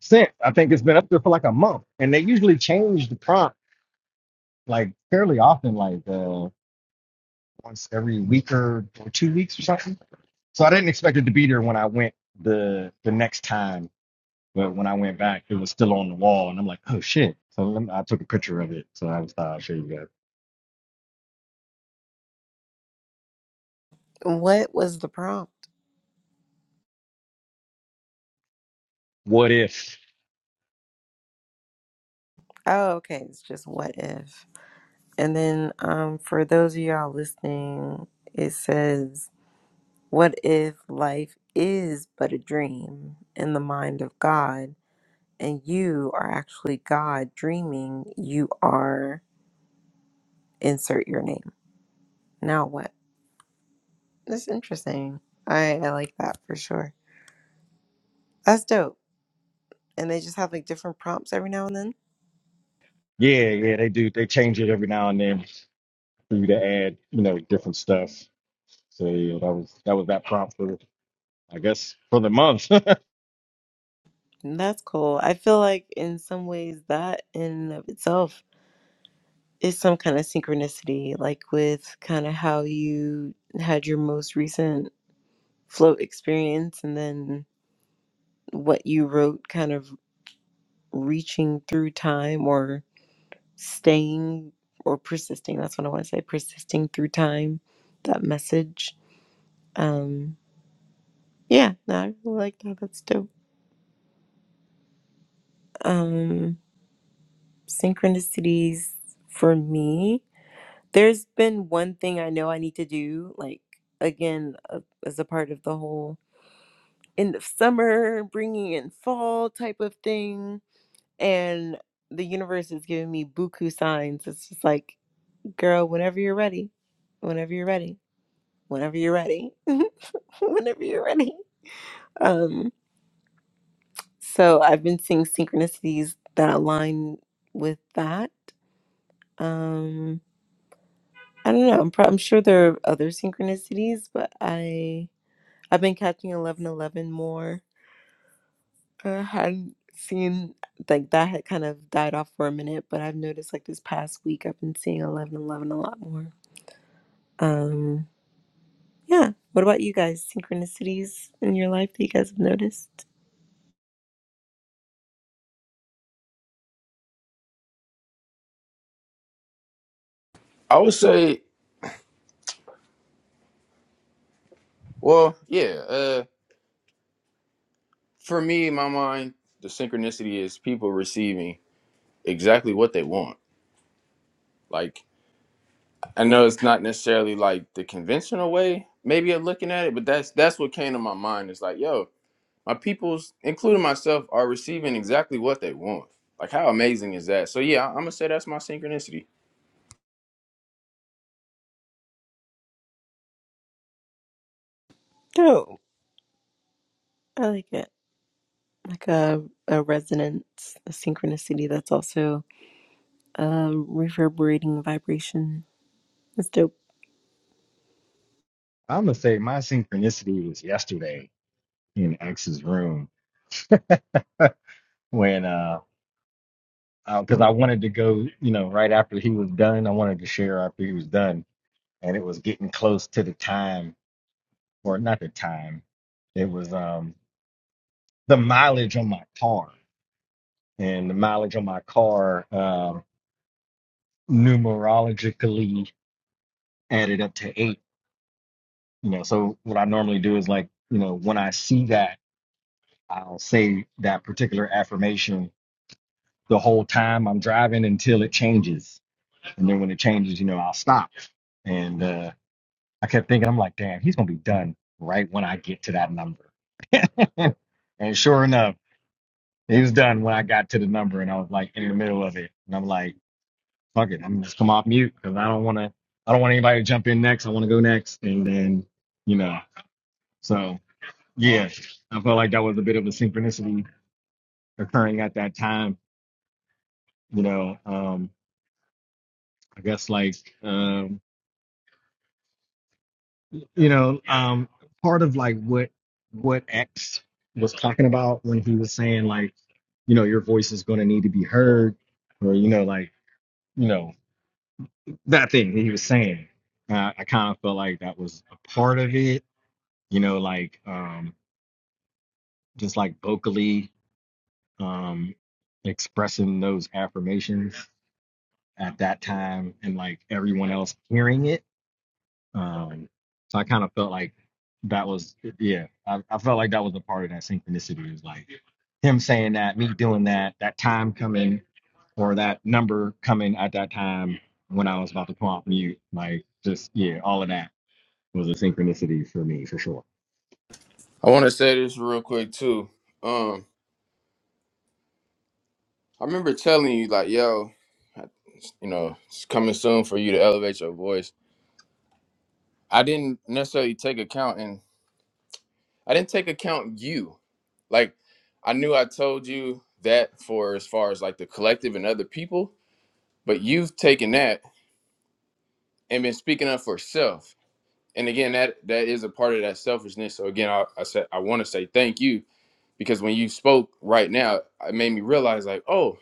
Speaker 3: since. I think it's been up there for like a month. And they usually change the prompt like fairly often, like uh, once every week or, or two weeks or something. So I didn't expect it to be there when I went the the next time. But when I went back, it was still on the wall, and I'm like, "Oh shit!" So lem- I took a picture of it. So I was thought I'll show you guys.
Speaker 1: what was the prompt?
Speaker 3: What if?
Speaker 1: Oh, okay, it's just what if. And then um, for those of y'all listening, it says, "What if life is but a dream in the mind of God?" and you are actually God dreaming you are insert your name. Now what? That's interesting. I, I like that for sure. That's dope. And they just have like different prompts every now and then.
Speaker 3: Yeah, yeah, they do. They change it every now and then for you to add, you know, different stuff. So yeah, that was that was that prompt for, I guess, for the month.
Speaker 1: And that's cool. I feel like in some ways that in and of itself is some kind of synchronicity, like with kind of how you had your most recent float experience and then what you wrote kind of reaching through time or. staying or persisting. That's what I want to say. Persisting through time. That message. Um, yeah, no, I really like that. That's dope. Um, synchronicities for me. There's been one thing I know I need to do. Like again, uh, as a part of the whole end of summer, bringing in fall type of thing, and the universe is giving me buku signs. It's just like, girl, whenever you're ready, whenever you're ready, whenever you're ready. whenever you're ready. Um, so I've been seeing synchronicities that align with that. Um, I don't know. I'm, pro- I'm sure there are other synchronicities, but I I've been catching eleven eleven more. I hadn't seen like that had kind of died off for a minute, but I've noticed like this past week I've been seeing eleven eleven a lot more. Um, yeah. What about you guys? Synchronicities in your life that you guys have noticed?
Speaker 2: I would say, well, yeah. Uh, for me, in my mind, the synchronicity is people receiving exactly what they want. Like I know it's not necessarily like the conventional way, maybe of looking at it, but that's that's what came to my mind. It's like, yo, my peoples, including myself, are receiving exactly what they want. Like, how amazing is that? So yeah, I'm gonna say that's my synchronicity.
Speaker 1: Oh, I like it. like a, a resonance, a synchronicity that's also a reverberating vibration. That's dope.
Speaker 3: I'm gonna say my synchronicity was yesterday in X's room when uh, because I wanted to go, you know, right after he was done. I wanted to share after he was done, and it was getting close to the time, or not the time. It was um the mileage on my car, and the mileage on my car um numerologically added up to eight. You know, so what I normally do is like, you know, when I see that, I'll say that particular affirmation the whole time I'm driving until it changes, and then when it changes, you know, I'll stop. And uh, I kept thinking, I'm like, damn, he's gonna be done right when I get to that number. and sure enough, he was done when I got to the number, and I was like in the middle of it, and I'm like, fuck it, I'm just come off mute because I don't want to, I don't want anybody to jump in next. I want to go next, and then, you know, so. Yes, I felt like that was a bit of a synchronicity occurring at that time. You know, um, I guess like um, you know, um, part of like what what X was talking about when he was saying like, you know, your voice is going to need to be heard, or you know, like you know that thing he was saying. Uh, I kind of felt like that was a part of it. You know, like um, just like vocally um, expressing those affirmations at that time and like everyone else hearing it. Um, so I kind of felt like that was, yeah, I, I felt like that was a part of that synchronicity. It was like him saying that, me doing that, that time coming or that number coming at that time when I was about to come off mute. Like, just, yeah, all of that was a synchronicity for me for sure.
Speaker 2: I want to say this real quick too. Um, I remember telling you like, yo, I- you know, it's coming soon for you to elevate your voice. I didn't necessarily take account, and I didn't take account you. Like, I knew I told you that for as far as like the collective and other people, but you've taken that and been speaking up for self and again that that is a part of that selfishness so again i, I said i want to say thank you because when you spoke right now it made me realize like oh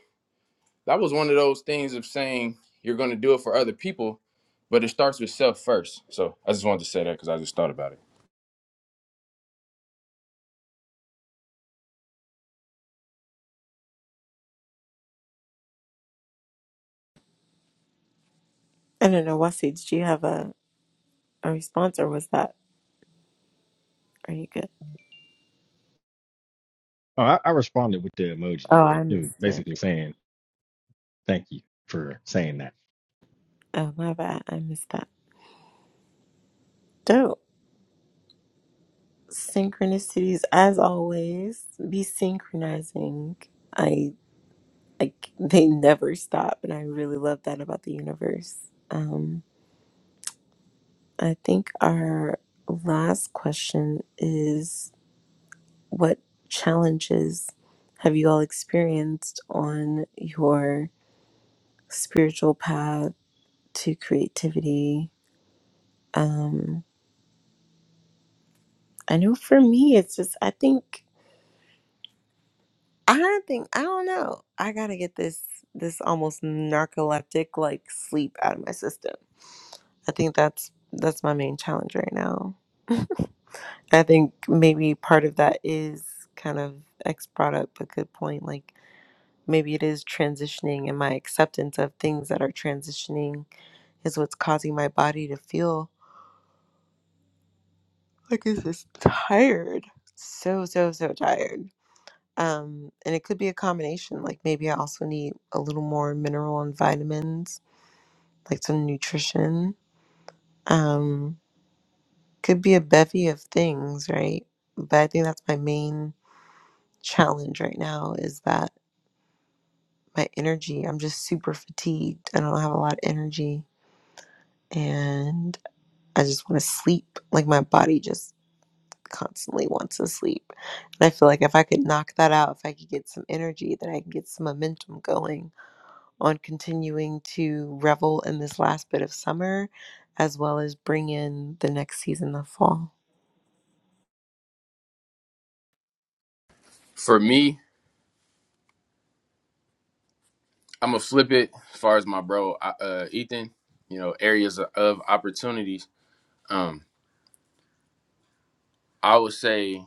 Speaker 2: that was one of those things of saying you're going to do it for other people but it starts with self first so i just wanted to say that because i just thought about it
Speaker 1: I don't know, Wasage, do you have a, a response or was that, are you good?
Speaker 3: Oh, I, I responded with the emoji,
Speaker 1: Oh,
Speaker 3: but
Speaker 1: I
Speaker 3: it was
Speaker 1: missed it.
Speaker 3: basically saying thank you for saying that.
Speaker 1: Oh, my bad. I missed that. Dope. Synchronicities, as always, be synchronizing. I like they never stop, and I really love that about the universe. Um, I think our last question is what challenges have you all experienced on your spiritual path to creativity? Um, I know for me, it's just I think I think I don't know. I gotta get this this almost narcoleptic like sleep out of my system. I think that's that's my main challenge right now. I think maybe part of that is kind of X brought up a good point, like maybe it is transitioning and my acceptance of things that are transitioning is what's causing my body to feel like it's just tired so so so tired um and it could be a combination like maybe i also need a little more mineral and vitamins like some nutrition um could be a bevy of things right but i think that's my main challenge right now is that my energy i'm just super fatigued i don't have a lot of energy and I just want to sleep. Like my body just constantly wants to sleep. And I feel like if I could knock that out, if I could get some energy, then I can get some momentum going on continuing to revel in this last bit of summer as well as bring in the next season of fall.
Speaker 2: for me i'm gonna flip it as far as my bro I- uh, ethan you know areas of of opportunities um i would say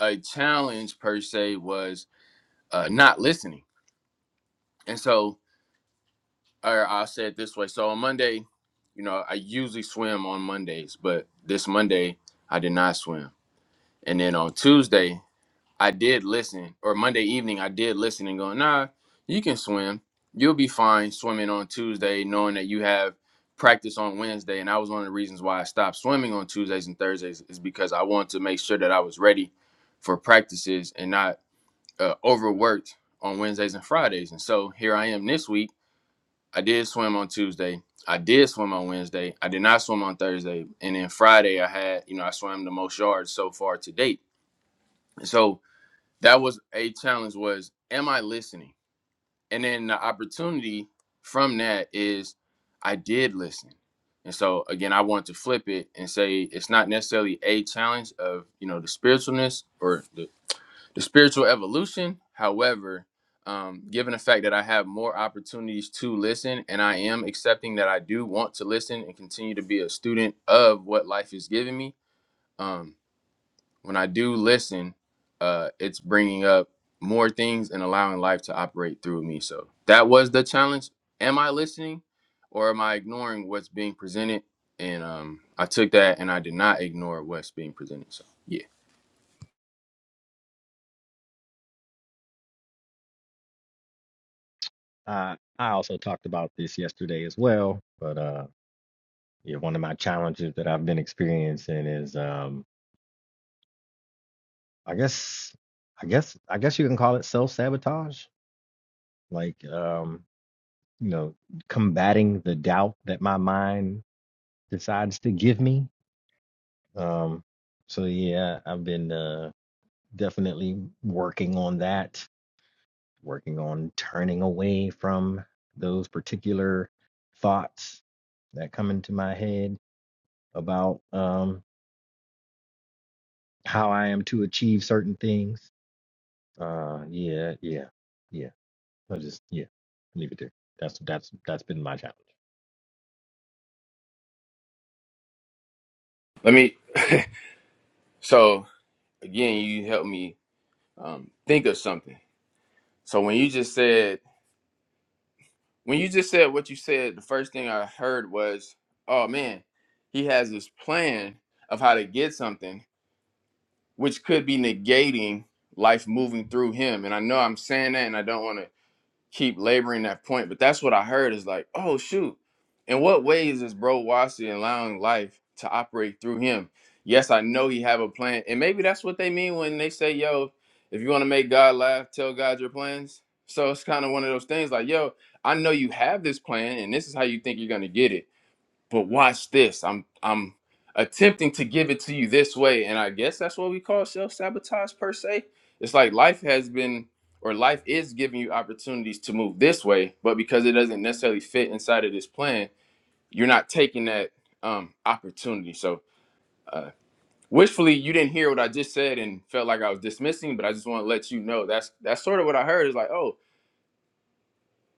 Speaker 2: a challenge per se was uh, not listening and so or I'll say it this way. So on Monday, you know, I usually swim on Mondays, but this Monday I did not swim. And then on Tuesday, I did listen, or Monday evening, I did listen and going, nah, you can swim. You'll be fine swimming on Tuesday, knowing that you have practice on Wednesday. And that was one of the reasons why I stopped swimming on Tuesdays and Thursdays, is because I wanted to make sure that I was ready for practices and not uh, overworked on Wednesdays and Fridays. And so here I am this week I did swim on Tuesday. I did swim on Wednesday. I did not swim on Thursday. And then Friday I had, you know, I swam the most yards so far to date. And so that was a challenge was am I listening? And then the opportunity from that is I did listen. And so again, I want to flip it and say it's not necessarily a challenge of, you know, the spiritualness or the the spiritual evolution, however, um, given the fact that I have more opportunities to listen and I am accepting that I do want to listen and continue to be a student of what life is giving me, um, when I do listen, uh, it's bringing up more things and allowing life to operate through me. So that was the challenge. Am I listening or am I ignoring what's being presented? And um, I took that and I did not ignore what's being presented. So, yeah.
Speaker 3: Uh, I also talked about this yesterday as well, but uh, Yeah, one of my challenges that I've been experiencing is um I guess I guess I guess you can call it self-sabotage. Like um, you know, combating the doubt that my mind decides to give me. Um so yeah, I've been uh definitely working on that, working on turning away from those particular thoughts that come into my head about um how I am to achieve certain things Uh, yeah, yeah, yeah. I just yeah, leave it there. That's that's that's been my challenge.
Speaker 2: Let me, so again, you helped me um, think of something. So when you just said when you just said what you said, the first thing I heard was, "Oh man, he has this plan of how to get something, which could be negating life moving through him." And I know I'm saying that, and I don't want to keep laboring that point. But that's what I heard is like, oh shoot, in what ways is Bro Wasi allowing life to operate through him? Yes, I know he have a plan, and maybe that's what they mean when they say, yo, if you want to make God laugh, tell God your plans. So it's kind of one of those things like, yo, I know you have this plan, and this is how you think you're gonna get it but watch this. I'm I'm attempting to give it to you this way, and I guess that's what we call self sabotage per se. It's like life has been or life is giving you opportunities to move this way, but because it doesn't necessarily fit inside of this plan, you're not taking that um, opportunity. So uh, wishfully, you didn't hear what I just said and felt like I was dismissing, but I just want to let you know that's that's sort of what I heard. Is like, oh,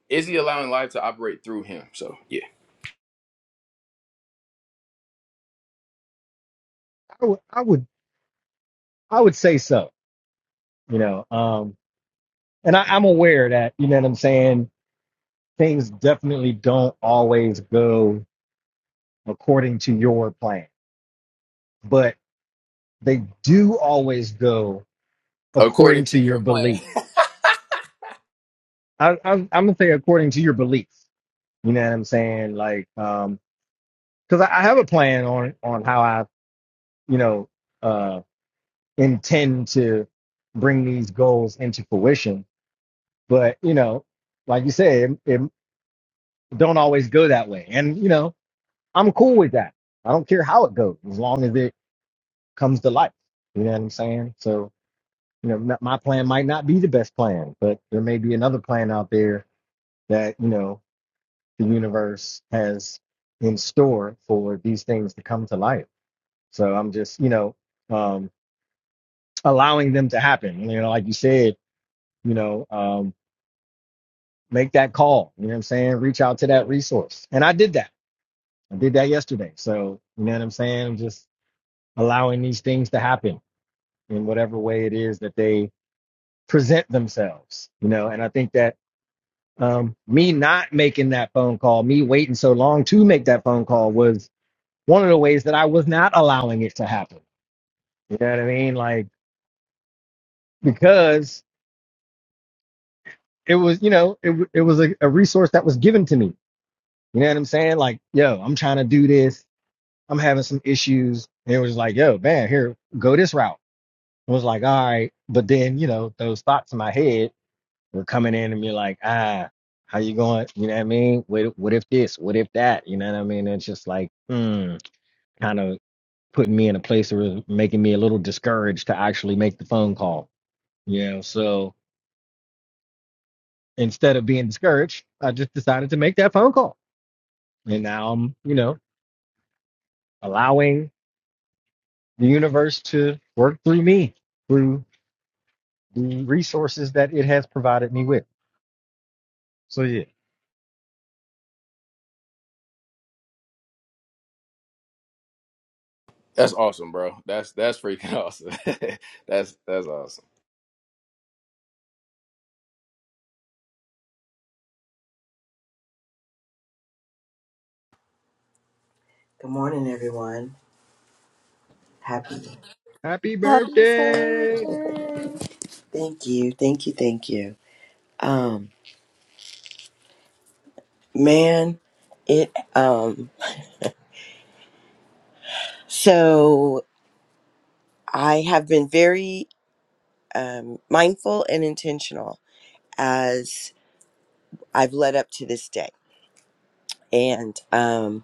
Speaker 2: is he allowing life to operate through him? So yeah,
Speaker 3: I would, I would, I would say so. You know, um, and I, I'm aware that you know what I'm saying. Things definitely don't always go according to your plan, but they do always go according
Speaker 2: according to
Speaker 3: to your
Speaker 2: your plan.
Speaker 3: belief. I, I, I'm, I'm gonna say according to your beliefs. You know what I'm saying? Like, um, because I, I have a plan on on how I, you know. uh, intend to bring these goals into fruition. But you know, like you say, it, it don't always go that way. And you know, I'm cool with that. I don't care how it goes as long as it comes to life. You know what I'm saying? So you know, not- my plan might not be the best plan, but there may be another plan out there that you know the universe has in store for these things to come to life. So I'm just you know um, allowing them to happen. You know, like you said, you know. um, make that call. You know what I'm saying? Reach out to that resource. And I did that. I did that yesterday. So, you know what I'm saying? I'm Just allowing these things to happen in whatever way it is that they present themselves, you know? And I think that um, me not making that phone call, me waiting so long to make that phone call was one of the ways that I was not allowing it to happen. You know what I mean? Like, because it was, you know, it, w- it was a, a resource that was given to me. You know what I'm saying? Like, yo, I'm trying to do this. I'm having some issues. And it was like, yo, man, here, go this route. It was like, all right. But then, you know, those thoughts in my head were coming in and be like, ah, how you going? You know what I mean? What, what if this? What if that? You know what I mean? It's just like, hmm, kind of putting me in a place of making me a little discouraged to actually make the phone call. You know, so instead of being discouraged, I just decided to make that phone call. And now I'm, you know, allowing the universe to work through me through. the resources that it has provided me with. So yeah,
Speaker 2: That's awesome, bro. That's that's freaking awesome. that's that's awesome.
Speaker 4: Good morning, everyone. Happy.
Speaker 3: happy
Speaker 1: Happy solar
Speaker 3: birthday!
Speaker 1: return.
Speaker 4: Thank you. Thank you. Thank you. Um, man, it, um, so I have been very, um, mindful and intentional as I've led up to this day. And, um,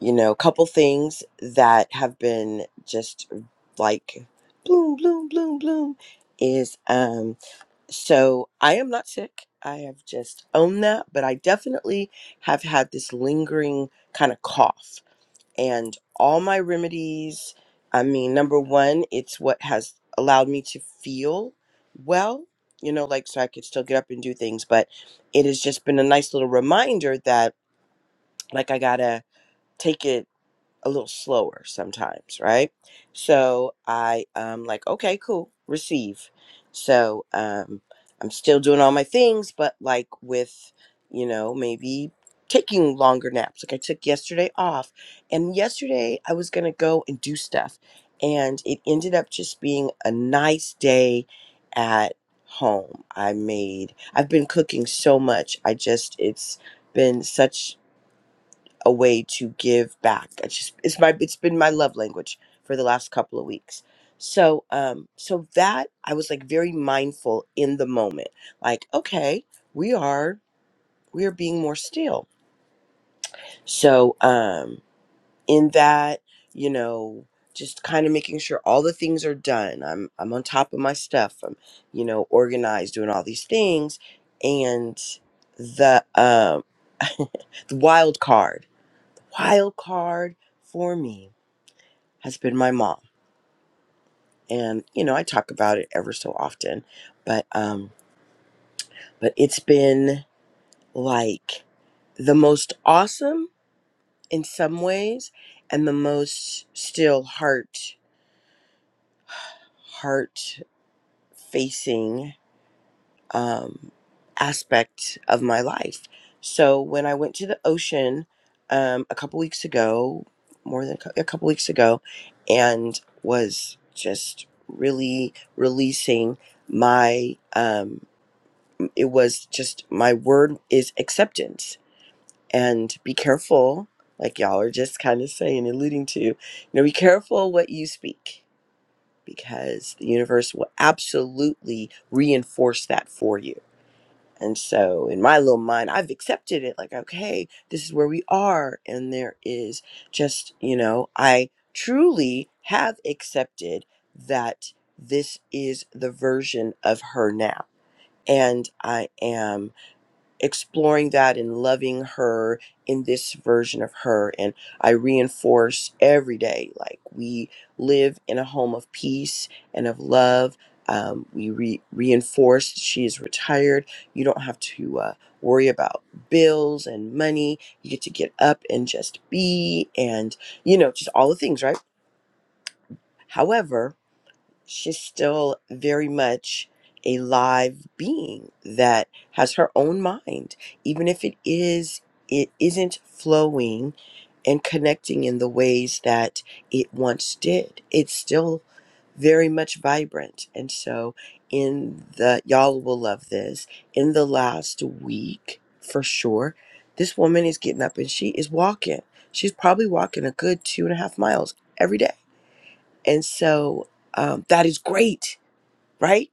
Speaker 4: you know, a couple things that have been just like bloom, bloom, bloom, bloom is, um, So I am not sick. I have just owned that, but I definitely have had this lingering kind of cough. And all my remedies, I mean, number one, it's what has allowed me to feel well, you know, like so I could still get up and do things. But it has just been a nice little reminder that, like, I gotta take it a little slower sometimes, right? So I um like, okay, cool, receive. So um I'm still doing all my things, but like with, you know, maybe taking longer naps. Like I took yesterday off. And yesterday I was gonna go and do stuff. And it ended up just being a nice day at home. I made I've been cooking so much. I just it's been such a way to give back. It's just it's my it's been my love language for the last couple of weeks. So um so that I was like very mindful in the moment. Like, okay, we are we are being more still. So um in that, you know, just kind of making sure all the things are done. I'm I'm on top of my stuff. I'm, you know, organized, doing all these things. And the um the wild card wild card for me has been my mom and you know i talk about it ever so often but um but it's been like the most awesome in some ways and the most still heart heart facing um, aspect of my life. So when I went to the ocean um, a couple weeks ago, more than a cou- a couple weeks ago, and was just really releasing my, um, it was just my word is acceptance and be careful. Like y'all are just kind of saying, alluding to, you know, be careful what you speak because the universe will absolutely reinforce that for you and so in my little mind, I've accepted it like, okay, this is where we are. And there is just, you know, I truly have accepted that this is the version of her now. And I am exploring that and loving her in this version of her. And I reinforce every day like we live in a home of peace and of love. Um, we re- reinforce she is retired. You don't have to uh, worry about bills and money. You get to get up and just be and, you know, just all the things, right? However, she's still very much a live being that has her own mind even if it is it isn't flowing and connecting in the ways that it once did it's still very much vibrant and so in the y'all will love this in the last week for sure this woman is getting up and she is walking she's probably walking a good two and a half miles every day and so um, that is great, right?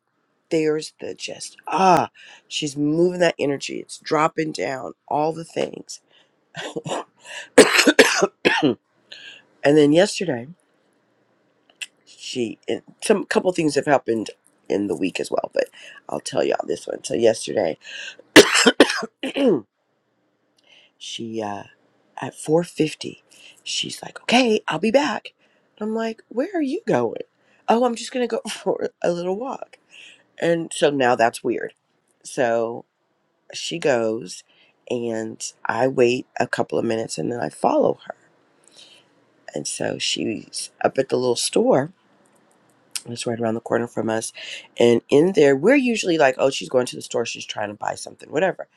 Speaker 4: There's the just, ah, she's moving that energy. It's dropping down all the things. and then yesterday, she, and some couple things have happened in the week as well, but I'll tell y'all this one. So yesterday, she, uh, at 4.50, she's like, okay, I'll be back. And I'm like, where are you going? Oh, I'm just going to go for a little walk. And so now that's weird. So she goes, and I wait a couple of minutes and then I follow her. And so she's up at the little store that's right around the corner from us. And in there, we're usually like, oh, she's going to the store. She's trying to buy something, whatever.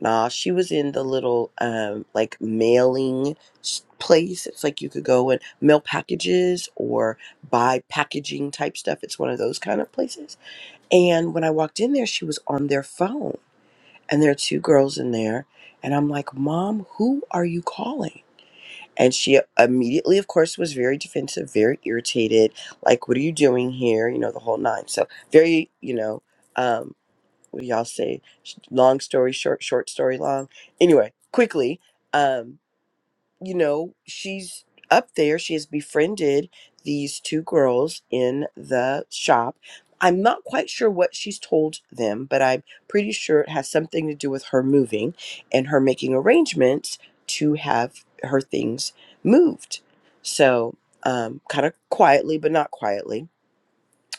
Speaker 4: Nah, she was in the little, um, like, mailing s- place. It's like you could go and mail packages or buy packaging type stuff. It's one of those kind of places. And when I walked in there, she was on their phone and there are two girls in there and i'm like mom who are you calling and she immediately of course was very defensive very irritated like what are you doing here you know the whole nine so very you know um what do y'all say Sh- long story short short story long anyway quickly um you know, she's up there. She has befriended these two girls in the shop. I'm not quite sure what she's told them, but I'm pretty sure it has something to do with her moving and her making arrangements to have her things moved. So, um, kind of quietly, but not quietly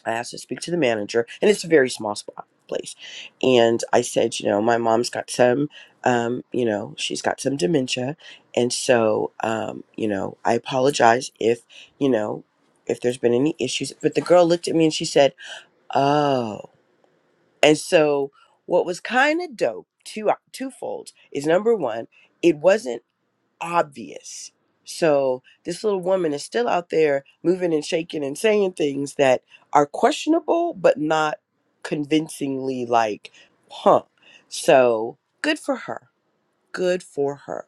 Speaker 4: I asked to speak to the manager, and it's a very small spot place. And I said, you know, my mom's got some, um, you know, she's got some dementia, and so, um, you know, I apologize if, you know, if there's been any issues. But the girl looked at me and she said, "Oh." And so, what was kind of dope, two twofold, is number one, it wasn't obvious. So this little woman is still out there moving and shaking and saying things that are questionable, but not convincingly like, huh. So good for her. Good for her.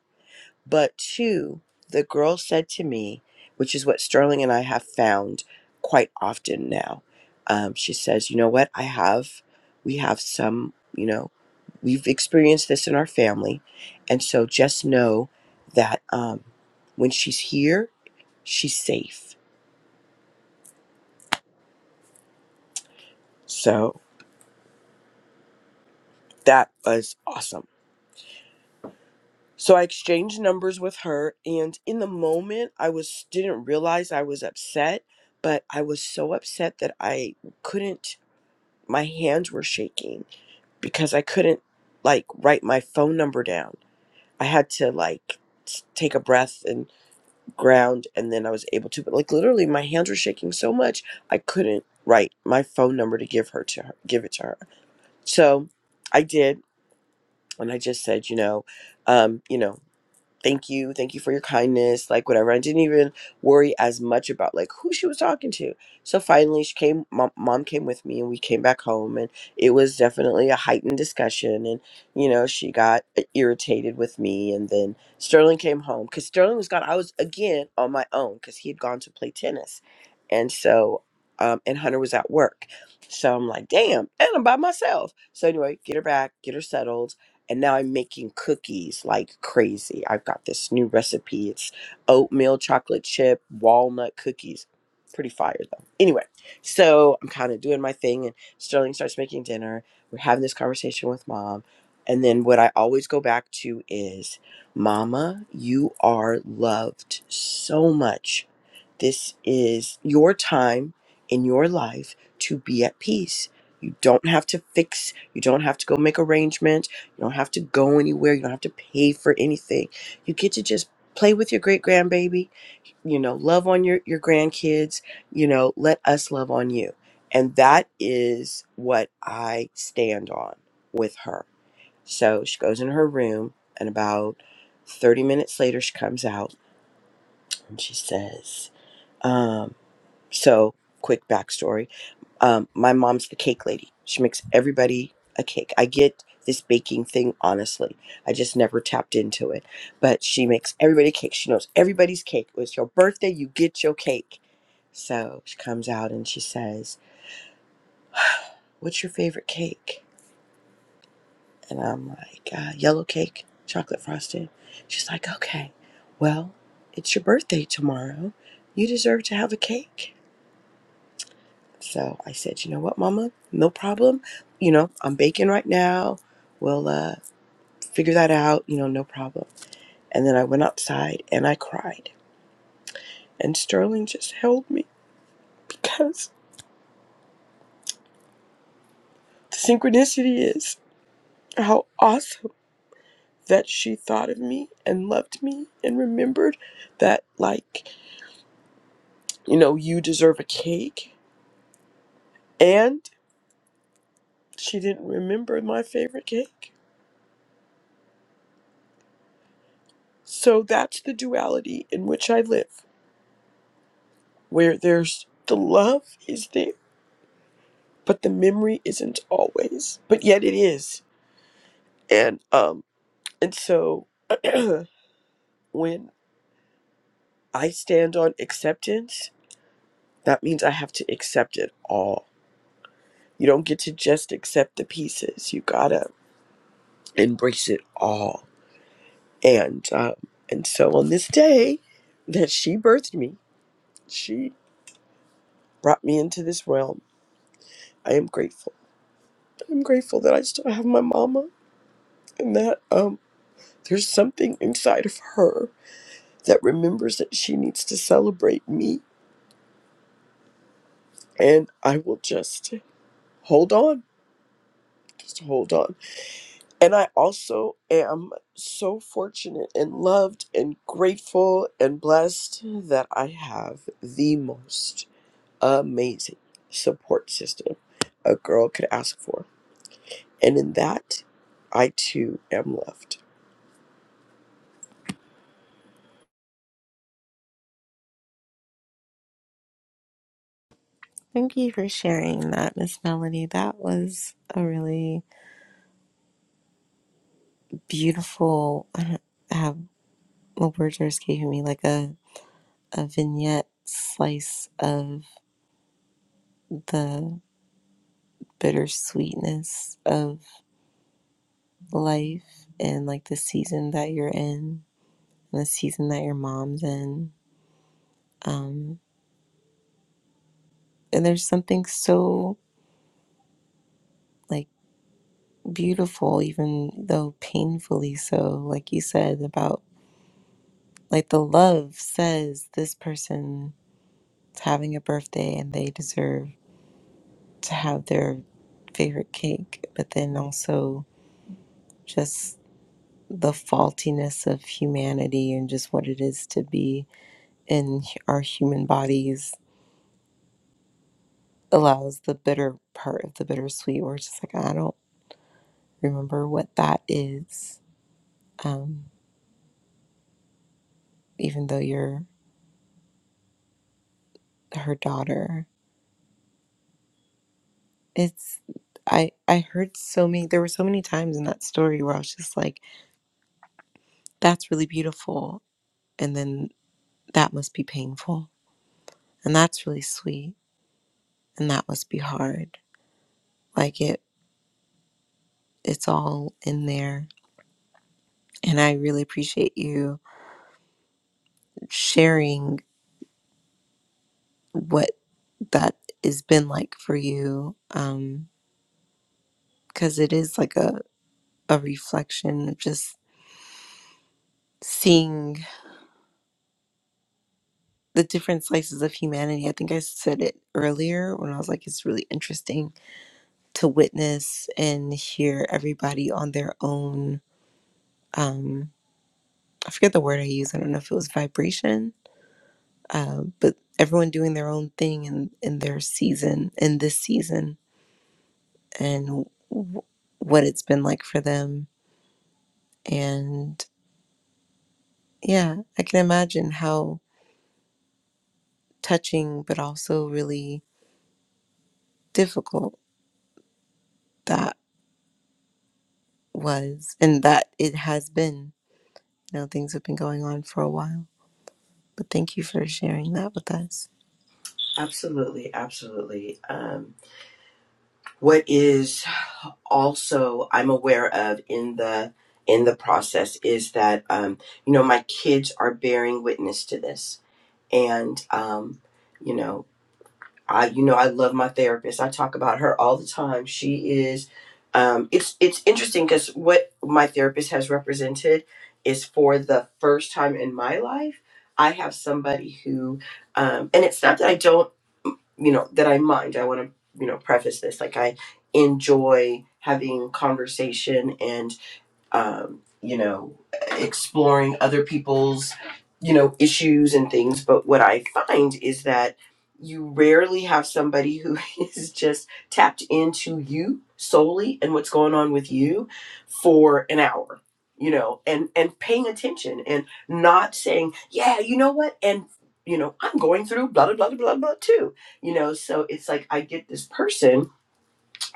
Speaker 4: But two, the girl said to me, which is what Sterling and I have found quite often now. Um, she says, you know what? I have, we have some, you know, we've experienced this in our family. And so just know that um, when she's here, she's safe. So that was awesome. So I exchanged numbers with her and in the moment I was didn't realize I was upset, but I was so upset that I couldn't my hands were shaking because I couldn't like write my phone number down. I had to like s- take a breath and ground and then I was able to but like literally my hands were shaking so much I couldn't write my phone number to give her to her give it to her. So I did and I just said, you know, um, you know, thank you thank you for your kindness like whatever i didn't even worry as much about like who she was talking to so finally she came mom, mom came with me and we came back home and it was definitely a heightened discussion and you know she got irritated with me and then sterling came home because sterling was gone i was again on my own because he had gone to play tennis and so um, and hunter was at work so i'm like damn and i'm by myself so anyway get her back get her settled and now I'm making cookies like crazy. I've got this new recipe. It's oatmeal chocolate chip walnut cookies. Pretty fire though. Anyway, so I'm kind of doing my thing, and Sterling starts making dinner. We're having this conversation with mom. And then what I always go back to is, Mama, you are loved so much. This is your time in your life to be at peace. You don't have to fix, you don't have to go make arrangements you don't have to go anywhere. You don't have to pay for anything. You get to just play with your great grandbaby, you know, love on your, your grandkids, you know, let us love on you. And that is what I stand on with her. So she goes in her room, and about 30 minutes later, she comes out and she says, um, So, quick backstory um, my mom's the cake lady. She makes everybody a cake. I get this baking thing, honestly. I just never tapped into it. But she makes everybody a cake. She knows everybody's cake. It's your birthday, you get your cake. So she comes out and she says, What's your favorite cake? And I'm like, uh, Yellow cake, chocolate frosted. She's like, Okay, well, it's your birthday tomorrow. You deserve to have a cake. So I said, you know what, mama, no problem. You know, I'm baking right now. We'll uh, figure that out. You know, no problem. And then I went outside and I cried. And Sterling just held me because how awesome that she thought of me and loved me and remembered that, like, you know, you deserve a cake. And she didn't remember my favorite cake. So that's the duality in which I live, where there's the love is there but the memory isn't always but yet it is and um and so when i stand on acceptance that means i have to accept it all you don't get to just accept the pieces you gotta embrace it all and um and so on this day that she birthed me she brought me into this realm i am grateful i'm grateful that i still have my mama and that um there's something inside of her that remembers that she needs to celebrate me. And I will just hold on, just hold on. And I also am so fortunate and loved and grateful and blessed that I have the most amazing support system a girl could ask for. And in that, I too am loved.
Speaker 1: Thank you for sharing that, Miss Melody. That was a really beautiful I don't have the words are escaping me, like a, a vignette slice of the bittersweetness of life and like the season that you're in and the season that your mom's in um and there's something so like beautiful even though painfully so like you said about like the love says this person's having a birthday and they deserve to have their favorite cake but then also just the faultiness of humanity and just what it is to be in hu- our human bodies allows the bitter part of the bittersweet. We're just like, I don't remember what that is, um, even though you're her daughter. It's I I heard so many. There were so many times in that story where I was just like, that's really beautiful, and then that must be painful, and that's really sweet, and that must be hard. Like it, it's all in there. And I really appreciate you sharing what that has been like for you um because it is like a a reflection of just seeing the different slices of humanity i think i said it earlier when i was like it's really interesting to witness and hear everybody on their own um i forget the word i used i don't know if it was vibration uh, but everyone doing their own thing in in their season in this season and w- what it's been like for them and Yeah, I can imagine how touching, but also really difficult that was, and that it has been. You know, things have been going on for a while. But thank you for sharing that with us.
Speaker 4: Absolutely, absolutely. Um, What is also I'm aware of in the in the process is that um, you know my kids are bearing witness to this, and um, you know I, you know, I love my therapist. I talk about her all the time. She is, um, it's it's interesting because what my therapist has represented is for the first time in my life, I have somebody who, um, and it's not that I don't, you know, that I mind. I want to, you know, preface this like I enjoy having conversation and um, you know, exploring other people's, you know, issues and things. But what I find is that you rarely have somebody who is just tapped into you solely and what's going on with you for an hour you know and and paying attention and not saying yeah you know what and you know i'm going through blah blah blah blah blah blah, too you know so it's like i get this person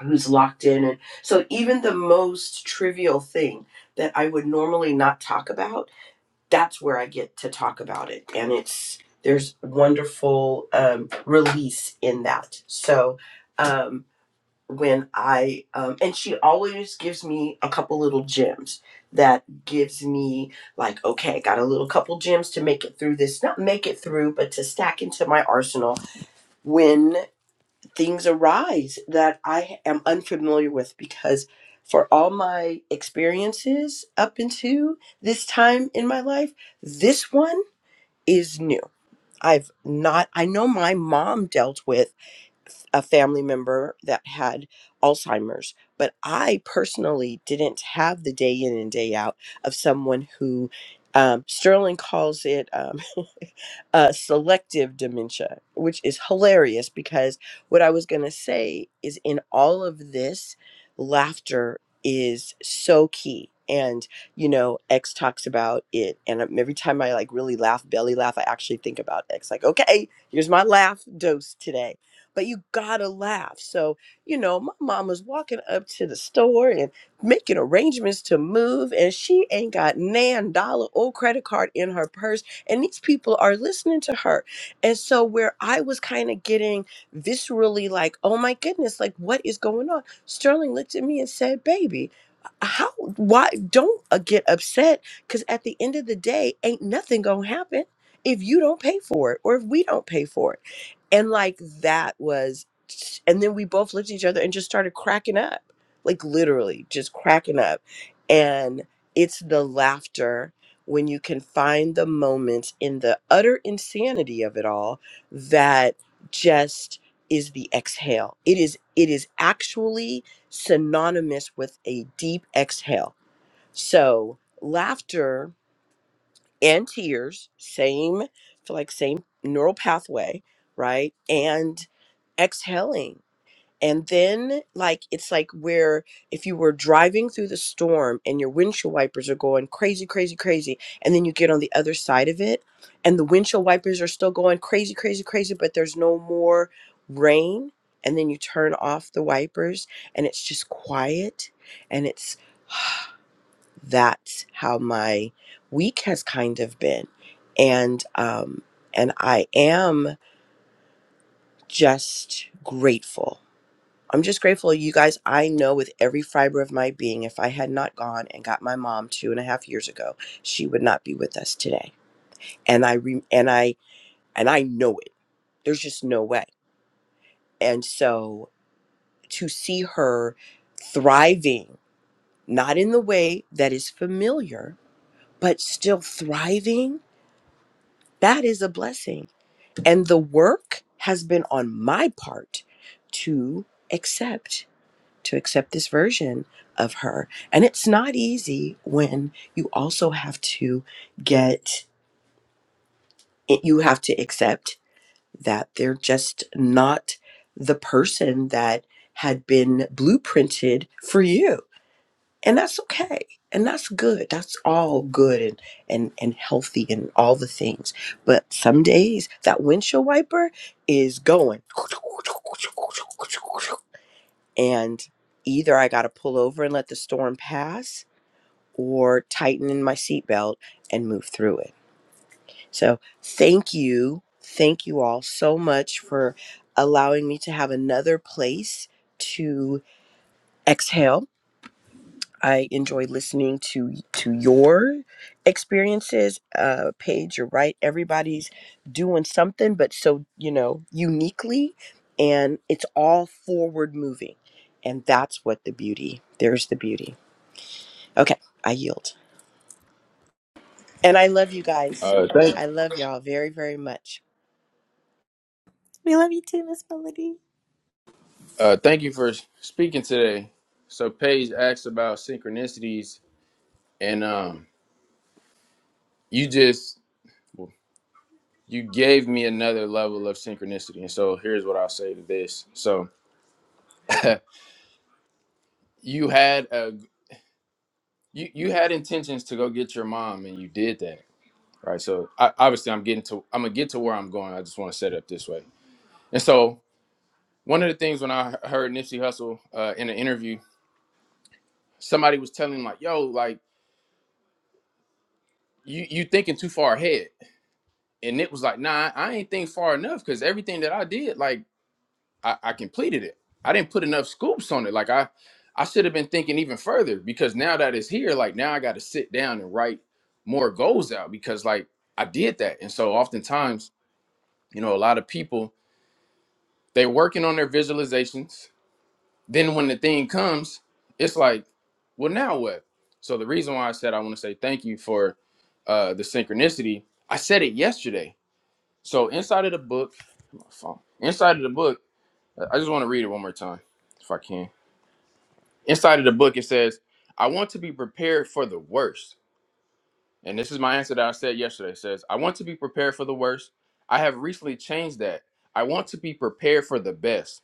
Speaker 4: who's locked in and so even the most trivial thing that i would normally not talk about that's where i get to talk about it and it's there's wonderful um, release in that so um, when i um, and she always gives me a couple little gems that gives me like okay got a little couple gems to make it through this not make it through but to stack into my arsenal when things arise that I am unfamiliar with because for all my experiences up into this time in my life, this one is new. I've not, I know my mom dealt with a family member that had Alzheimer's, but I personally didn't have the day in and day out of someone who um, Sterling calls it. um, uh, selective dementia, which is hilarious because what I was going to say is in all of this, laughter is so key. And, you know, X talks about it. And um, every time I like really laugh, belly laugh, I actually think about X like, okay, here's my laugh dose today. But you gotta laugh. So, you know, my mom was walking up to the store and making arrangements to move, and she ain't got nan dollar or credit card in her purse and these people are listening to her and so where i was kind of getting viscerally like oh my goodness like what is going on sterling looked at me and said baby how why don't uh, get upset because at the end of the day ain't nothing gonna happen if you don't pay for it or if we don't pay for it and like that was and then we both looked at each other and just started cracking up like literally just cracking up and it's the laughter when you can find the moments in the utter insanity of it all that just is the exhale it is it is actually synonymous with a deep exhale so laughter and tears same feel like same neural pathway right and exhaling and then, like, it's like where if you were driving through the storm and your windshield wipers are going crazy, crazy, crazy, and then you get on the other side of it and the windshield wipers are still going crazy, crazy, crazy, but there's no more rain. And then you turn off the wipers and it's just quiet. And it's that's how my week has kind of been. And, um, and I am just grateful I'm just grateful, you guys. I know with every fiber of my being, if I had not gone and got my mom two and a half years ago, she would not be with us today. And I re- and I and I know it. There's just no way. And so to see her thriving, not in the way that is familiar, but still thriving, that is a blessing. And the work has been on my part to accept to accept this version of her. And it's not easy when you also have to get, you have to accept that they're just not the person that had been blueprinted for you. And that's okay. And that's good. That's all good and, and, and healthy and all the things. But some days that windshield wiper is going and either I got to pull over and let the storm pass or tighten in my seatbelt and move through it. So, thank you. Thank you all so much for allowing me to have another place to exhale I enjoy listening to to your experiences. Uh, Paige, you're right. Everybody's doing something, but so you know, uniquely, and it's all forward moving, and that's what the beauty. There's the beauty. Okay, I yield, and I love you guys.
Speaker 2: Uh, thank
Speaker 4: I love y'all very very much.
Speaker 1: We love you too, Miss Melody.
Speaker 2: uh, thank you for speaking today. So Paige asked about synchronicities, and um, you just you gave me another level of synchronicity. And so here's what I'll say to this. So you had a you you had intentions to go get your mom, and you did that, right? So I, obviously, I'm getting to I'm gonna get to where I'm going. I just want to set it up this way. And so one of the things when I heard Nipsey Hussle uh, in an interview somebody was telling him like, "Yo, like you you thinking too far ahead," and Nick was like, "Nah, I ain't think far enough because everything that I did, like I, I completed it. I didn't put enough scoops on it. Like I I should have been thinking even further because now that it's here, like now I got to sit down and write more goals out because like I did that. And so oftentimes, you know, a lot of people they're working on their visualizations Then when the thing comes, it's like, well, now what? So the reason why I said I want to say thank you for uh, the synchronicity, I said it yesterday. So inside of the book, my phone, inside of the book, I just want to read it one more time if I can. Inside of the book, it says, I want to be prepared for the worst. And this is my answer that I said yesterday. It says, I want to be prepared for the worst. I have recently changed that. I want to be prepared for the best.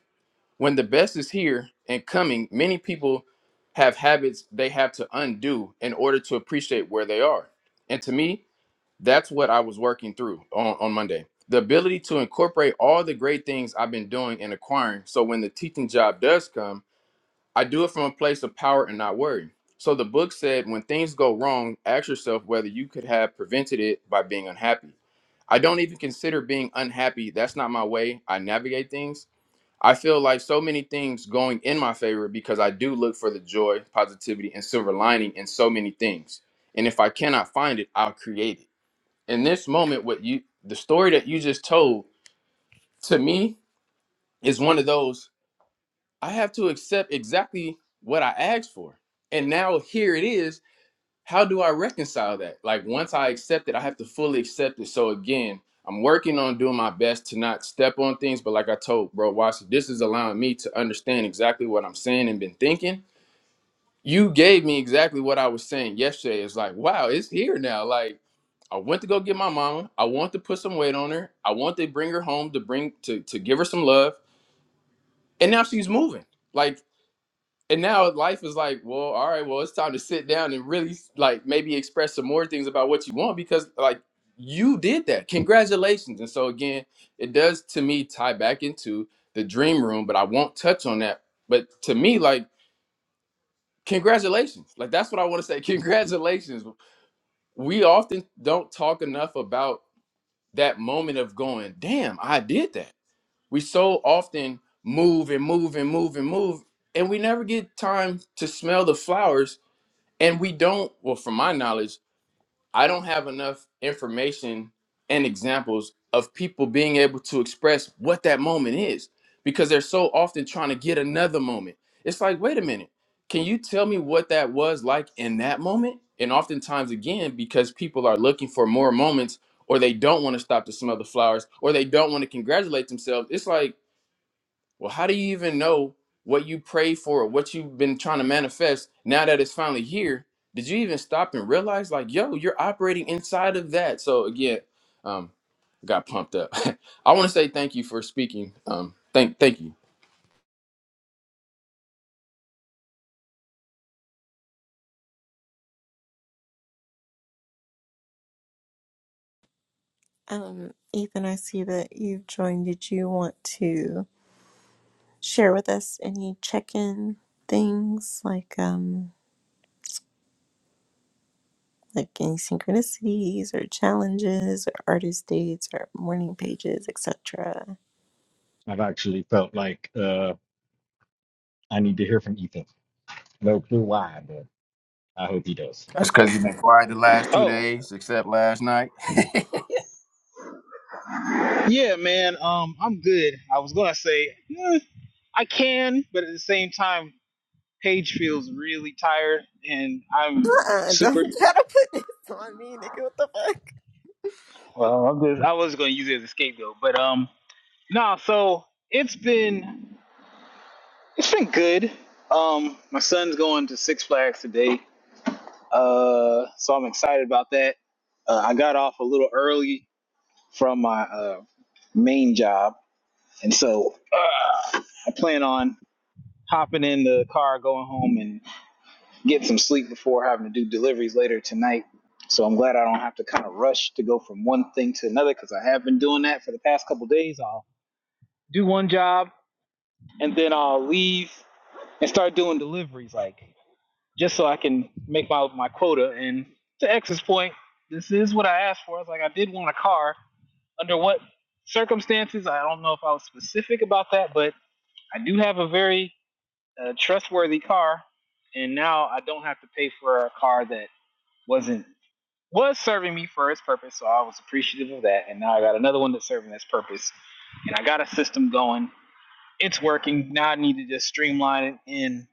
Speaker 2: When the best is here and coming, many people have habits they have to undo in order to appreciate where they are. And to me, that's what I was working through on, on Monday. The ability to incorporate all the great things I've been doing and acquiring. So when the teaching job does come, I do it from a place of power and not worry. So the book said when things go wrong, ask yourself whether you could have prevented it by being unhappy. I don't even consider being unhappy. That's not my way I navigate things. I feel like so many things going in my favor because I do look for the joy, positivity, and silver lining in so many things. And if I cannot find it, I'll create it. In this moment, what you the story that you just told to me is one of those I have to accept exactly what I asked for. And now here it is how do I reconcile that? Like once I accept it, I have to fully accept it. So again, I'm working on doing my best to not step on things, but like I told bro Watson, this is allowing me to understand exactly what I'm saying and been thinking. You gave me exactly what I was saying yesterday. It's like, wow, it's here now. Like I went to go get my mama. I want to put some weight on her. I want to bring her home to bring to to give her some love. And now she's moving. Like and now life is like, well, all right, well, it's time to sit down and really like maybe express some more things about what you want because like you did that. Congratulations. And so again, it does to me tie back into the dream room, but I won't touch on that. But to me, like, congratulations. Like that's what I want to say. Congratulations. We often don't talk enough about that moment of going, damn, I did that. We so often move and move and move and move, and we never get time to smell the flowers and we don't well from my knowledge i don't have enough information and examples of people being able to express what that moment is because they're so often trying to get another moment it's like wait a minute can you tell me what that was like in that moment and oftentimes again because people are looking for more moments or they don't want to stop to smell the flowers or they don't want to congratulate themselves it's like well, how do you even know what you prayed for or what you've been trying to manifest now that it's finally here? Did you even stop and realize, like, yo, you're operating inside of that? So again, um, got pumped up. I want to say thank you for speaking. Um, thank, thank you.
Speaker 1: Um, Ethan, I see that you've joined. Did you want to share with us any check-in things like um like any synchronicities or challenges or artist dates or morning pages, etc.?
Speaker 3: I've actually felt like uh, I need to hear from Ethan. No clue why, but I hope he does.
Speaker 2: That's because you've been quiet the last two
Speaker 5: Oh,
Speaker 2: days, except last night.
Speaker 5: yeah, man. Um, I'm good. I was gonna say eh, I can, but at the same time, Paige feels really tired, and I'm
Speaker 1: Uh-uh, don't
Speaker 5: super.
Speaker 1: try to put this on me, nigga. What the fuck?
Speaker 5: Well, I'm just. I was gonna use it as a scapegoat, but um, no. Nah, so it's been it's been good. Um, my son's going to Six Flags today. Uh, so I'm excited about that. Uh, I got off a little early from my uh main job, and so I plan on hopping in the car, going home, and get some sleep before having to do deliveries later tonight. So I'm glad I don't have to kind of rush to go from one thing to another because I have been doing that for the past couple of days. I'll do one job and then I'll leave and start doing deliveries, like just so I can make my my quota. And to X's point, this is what I asked for. I was like, I did want a car. Under what circumstances? I don't know if I was specific about that, but I do have a very a trustworthy car, and now I don't have to pay for a car that wasn't was serving me for its purpose. So I was appreciative of that, and now I got another one that's serving its purpose, and I got a system going. It's working. Now I need to just streamline it in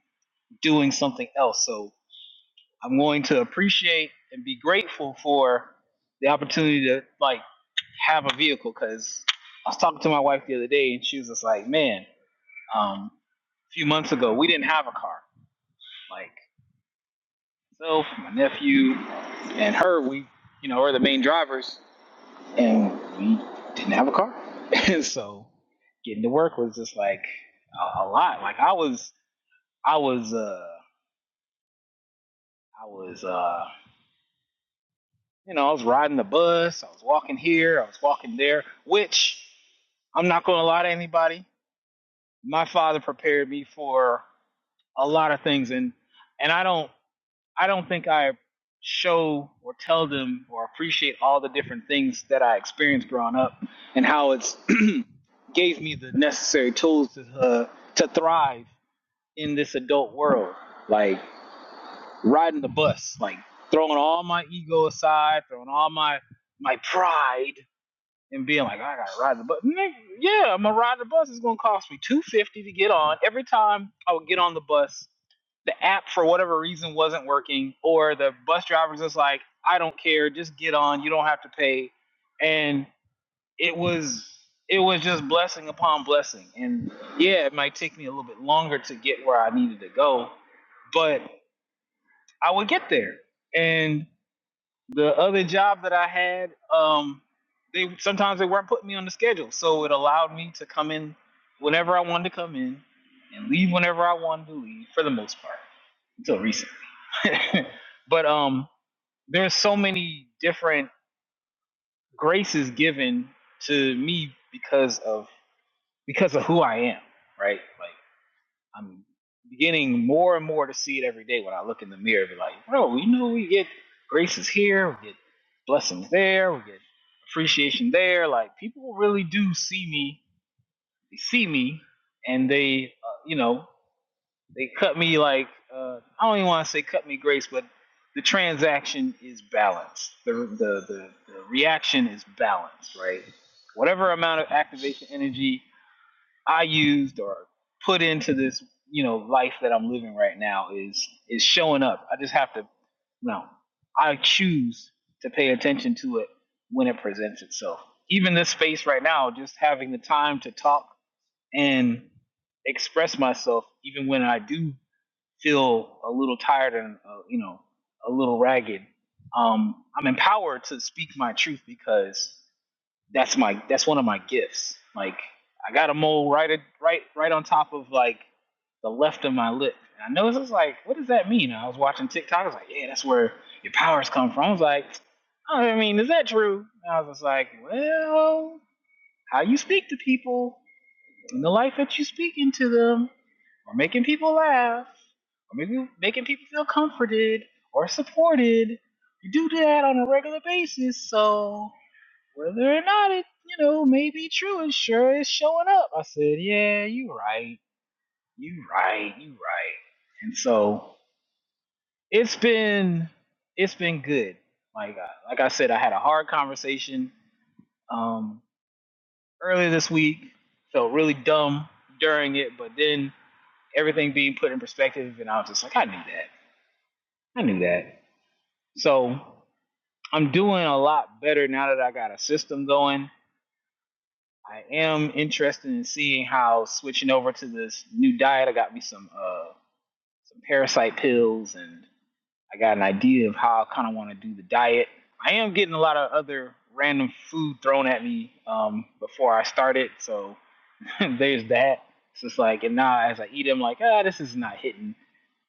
Speaker 5: doing something else. So I'm going to appreciate and be grateful for the opportunity to like have a vehicle because I was talking to my wife the other day and she was just like, man, um, a few months ago we didn't have a car. Like. myself, my nephew, and her, we, you know, are the main drivers, and we didn't have a car. And so getting to work was just like a, a lot. Like I was, I was, uh, I was, uh, you know, I was riding the bus, I was walking here, I was walking there, which I'm not going to lie to anybody. My father prepared me for a lot of things, and and I don't I don't think I show or tell them or appreciate all the different things that I experienced growing up and how it's gave me the necessary tools to uh, to thrive in this adult world. Like riding the bus, like throwing all my ego aside, throwing all my my pride and being like, I gotta ride the bus. Nigga, yeah, I'm gonna ride the bus. It's gonna cost me two fifty to get on. Every time I would get on the bus, the app for whatever reason wasn't working, or the bus driver's just like, I don't care, just get on. You don't have to pay. And it was it was just blessing upon blessing. And yeah, it might take me a little bit longer to get where I needed to go, but I would get there. And the other job that I had, um, they sometimes they weren't putting me on the schedule, so it allowed me to come in whenever I wanted to come in and leave whenever I wanted to leave, for the most part, until recent. but um, there's so many different graces given to me because of because of who I am, right? Like. I'm beginning more and more to see it every day when I look in the mirror. and Be like, bro, you know, we get graces here, we get blessings there, we get appreciation there. Like people really do see me, they see me, and they, uh, you know, they cut me like uh, I don't even want to say cut me grace, but the transaction is balanced. The the the, the reaction is balanced, right? Whatever amount of activation energy I used or put into this, you know, life that I'm living right now is is showing up. I just have to you know, I choose to pay attention to it when it presents itself. Even this space right now, just having the time to talk and express myself, even when I do feel a little tired and uh, you know a little ragged, um, I'm empowered to speak my truth because that's my that's one of my gifts. Like I got a mole right at, right right on top of like the left of my lip. And I know this is like, what does that mean? I was watching TikTok. I was like, yeah, that's where your powers come from. I was like, oh, I mean, is that true? And I was just like, well, how you speak to people and the life that you speak into them, or making people laugh, or maybe making people feel comforted or supported. You do that on a regular basis, so whether or not it, you know, may be true, it sure is showing up. I said, yeah, you right. You right. You right. And so it's been it's been good. Like I- like I said, I had a hard conversation um earlier this week. Felt really dumb during it, but then everything being put in perspective and I was just like, I knew that. I knew that. So I'm doing a lot better now that I got a system going I am interested in seeing how switching over to this new diet. I got me some uh some parasite pills, and I got an idea of how I kind of want to do the diet. I am getting a lot of other random food thrown at me um before I start it, so there's that. It's just like, and now as I eat, I'm like, ah, this is not hitting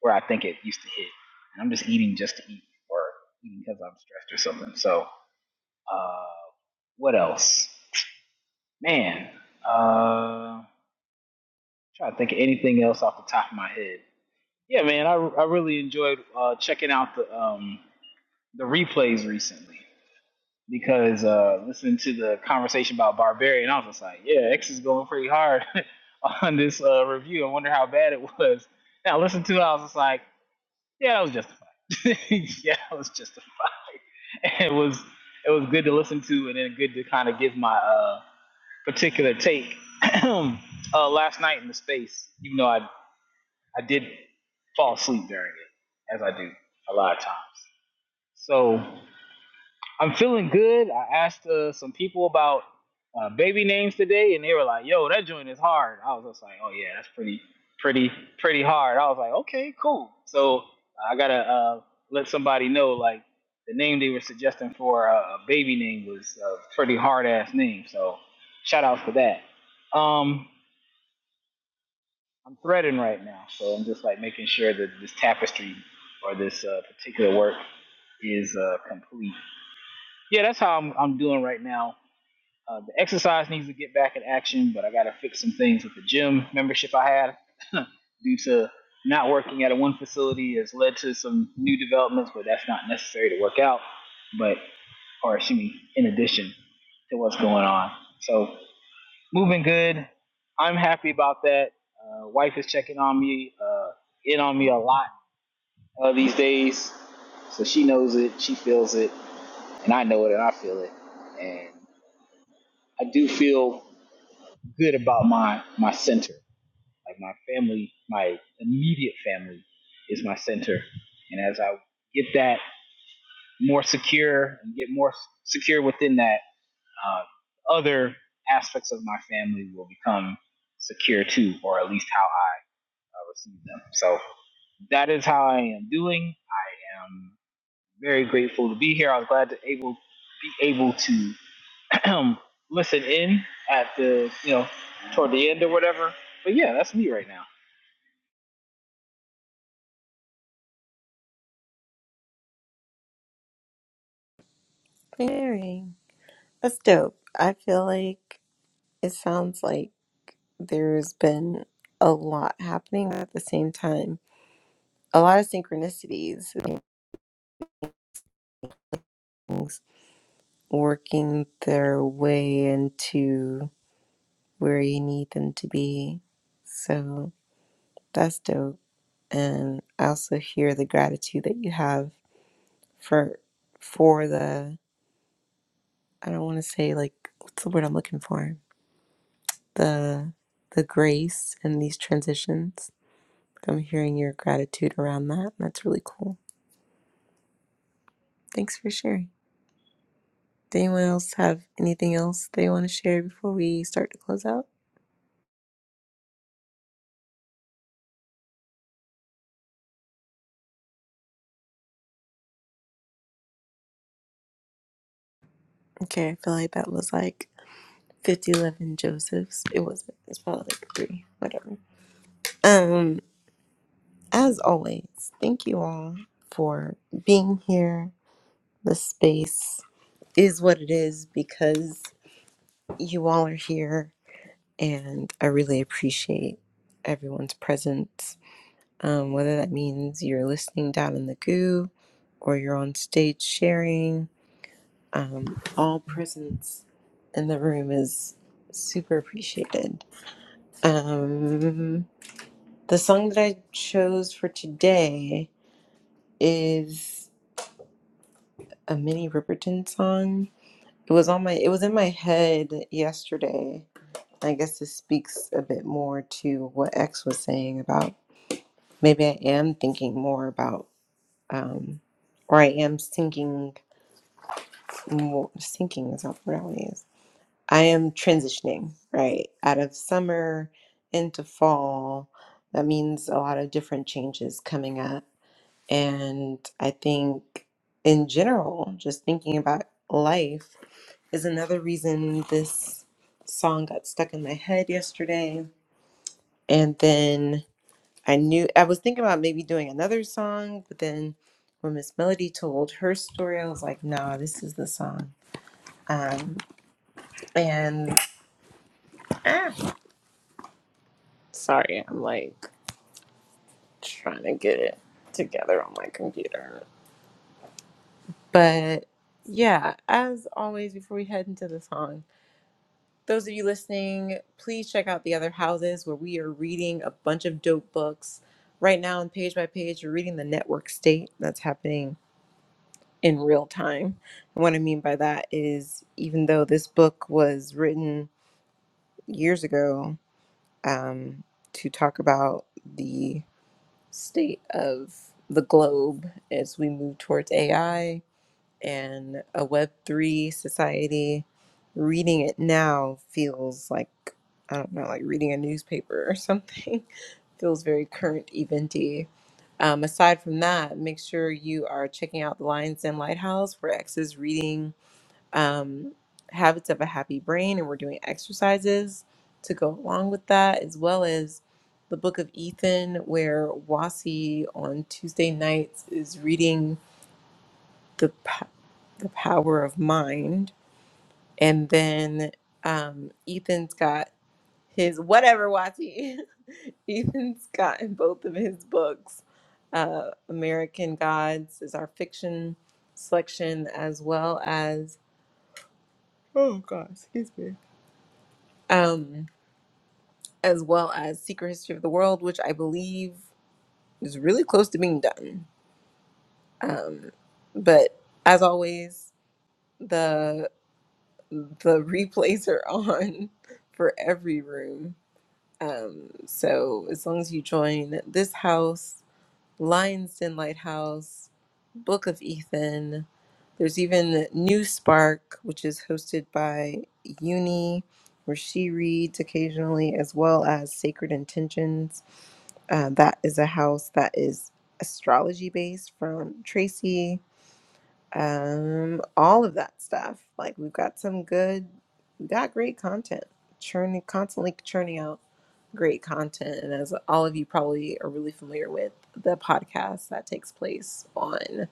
Speaker 5: where I think it used to hit, and I'm just eating just to eat or eating because I'm stressed or something. So, uh, what else? Man, uh. trying to think of anything else off the top of my head. Yeah, man, I, I really enjoyed uh, checking out the um, the replays recently because uh, listening to the conversation about Barbarian, I was just like, yeah, X is going pretty hard on this uh, review. I wonder how bad it was. Now listen to it, I was just like, yeah, it was justified. yeah, it was justified. it was it was good to listen to and then good to kind of give my uh, particular take uh, last night in the space, even though I I did fall asleep during it, as I do a lot of times. So I'm feeling good. I asked uh, some people about uh, baby names today, and they were like, "Yo, that joint is hard." I was just like, "Oh yeah, that's pretty, pretty, pretty hard." I was like, "Okay, cool." So I gotta uh, let somebody know like the name they were suggesting for a, a baby name was a pretty hard ass name. So shout out for that. Um, I'm threading right now, so I'm just like making sure that this tapestry or this uh, particular work is uh, complete. Yeah, that's how I'm I'm doing right now. Uh, the exercise needs to get back in action, but I got to fix some things with the gym membership I had due to not working at a one facility has led to some new developments, but that's not necessary to work out. But or excuse me, in addition to what's going on. So moving good. I'm happy about that. Uh, wife is checking on me, uh, in on me a lot uh, these days, so she knows it, she feels it, and I know it, and I feel it, and I do feel good about my my center, like my family, my immediate family is my center, and as I get that more secure and get more secure within that, uh, other aspects of my family will become secure too, or at least how I uh, receive them. So that is how I am doing. I'm very grateful to be here. I was glad to able be able to listen in at the you know toward the end or whatever. But yeah, that's me right now.
Speaker 1: Very. That's dope. I feel like it sounds like there's been a lot happening at the same time. A lot of synchronicities, things working their way into where you need them to be. So that's dope. And I also hear the gratitude that you have for for the I don't want to say like what's the word I'm looking for the the grace and these transitions. I'm hearing your gratitude around that. That's really cool. Thanks for sharing. Does anyone else have anything else they want to share before we start to close out? Okay, I feel like that was like 50, eleven Josephs. It wasn't. It's probably like three, whatever. Um, as always, thank you all for being here. The space is what it is because you all are here and I really appreciate everyone's presence. Um, whether that means you're listening down in the goo or you're on stage sharing, um, all presence in the room is super appreciated. Um, the song that I chose for today is a Minnie Riperton song. It was on my it was in my head yesterday. I guess this speaks a bit more to what X was saying about maybe I am thinking more about, um, or I am thinking more, thinking is not the word I want to use. I am transitioning, right? Out of summer into fall. That means a lot of different changes coming up. And I think in general, just thinking about life is another reason this song got stuck in my head yesterday. And then I knew I was thinking about maybe doing another song, but then when Miss Melody told her story, I was like, "Nah, this is the song." Um, and ah, sorry, I'm like trying to get it together on my computer. But yeah, as always, before we head into the song, those of you listening, please check out the other houses where we are reading a bunch of dope books right now. And page by page, we're reading the Network State that's happening in real time. And what I mean by that is, even though this book was written years ago um, to talk about the state of the globe as we move towards AI in a Web3 society, reading it now feels like, I don't know, like reading a newspaper or something. feels very current, eventy. Um, aside from that, make sure you are checking out the Lions Den Lighthouse where X is reading um, Habits of a Happy Brain, and we're doing exercises to go along with that, as well as the Book of Ethan, where Wasi on Tuesday nights is reading the po- the power of mind, and then um, Ethan's got his whatever Wati. Ethan's gotten both of his books. Uh, American Gods is our fiction selection, as well as oh god, excuse me, um, as well as Secret History of the World, which I believe is really close to being done. Um, but as always. the replays are on for every room. Um, so as long as you join this house, Lions Den Lighthouse, Book of Ethan, there's even New Spark, which is hosted by Uni, where she reads occasionally, as well as Sacred Intentions. Uh, that is a house that is astrology based from Tracy um, all of that stuff. Like we've got some good, we got great content, churning constantly churning out great content. And as all of you probably are really familiar with, the podcast that takes place on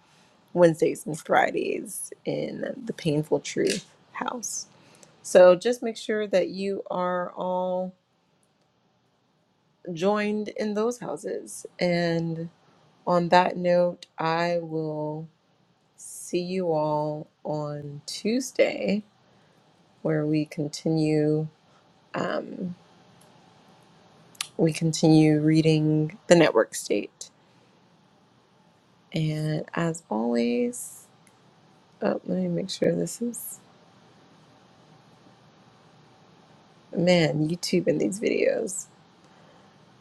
Speaker 1: Wednesdays and Fridays in the Painful Truth House. So just make sure that you are all joined in those houses. And on that note, I will see you all on Tuesday where we continue um, we continue reading the network state. And as always, oh, let me make sure this is man YouTube and these videos.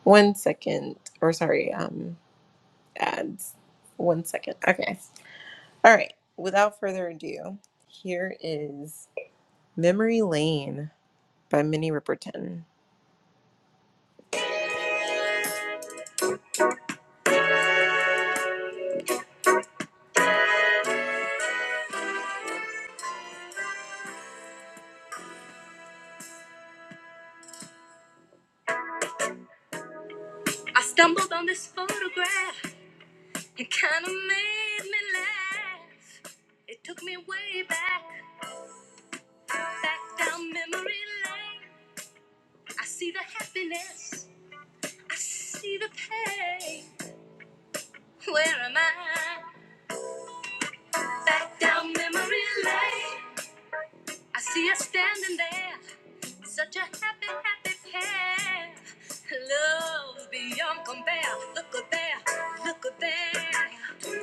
Speaker 1: One second, or sorry, um, ads. One second. Okay. All right. Without further ado, here is Memory Lane by Minnie Riperton. I stumbled on this photograph. It kinda made me laugh. It took me way back, back down memory lane. I see the happiness, I see the pain. Where am I? Back down memory lane. I see her standing there, such a happy, happy pair. Love beyond compare. Look at there, look at there.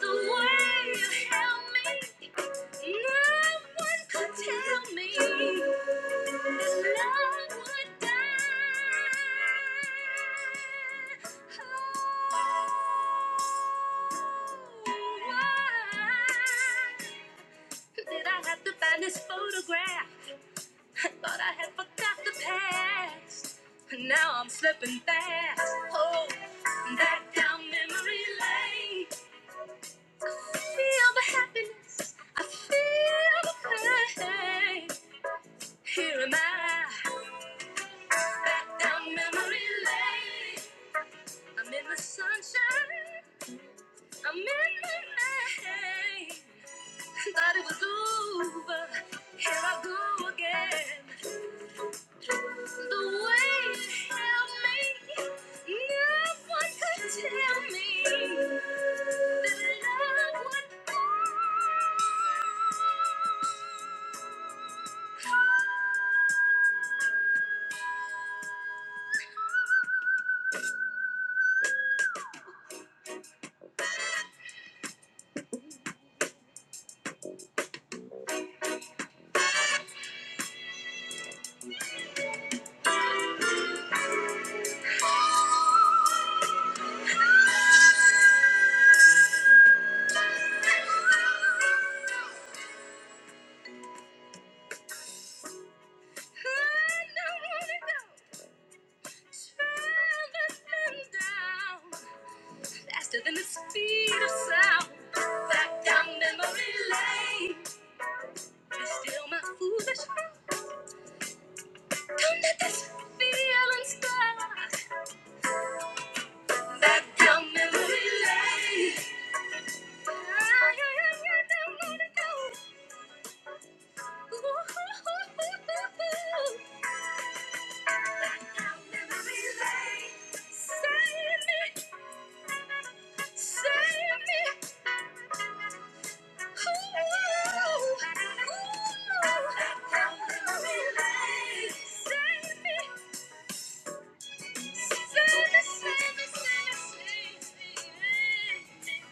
Speaker 1: The way you held me, no one could tell me. Did I have to find this photograph? I thought I had forgot the past. Now I'm slipping fast. Oh, back down memory lane. I feel the happiness. I feel the pain. Here am I. Down memory lane, I'm in the sunshine, I'm in the rain. Thought it was over, here I go again. The way it held me, no one could tell me that love would come. Faster than the speed of sound, back down memory lane. It's still my foolish heart. Don't let this feeling stop. Back down memory lane. I, I, I don't wanna go. Ooh, ooh, ooh, ooh, ooh. Back down memory lane. Save me. Save me. Save me.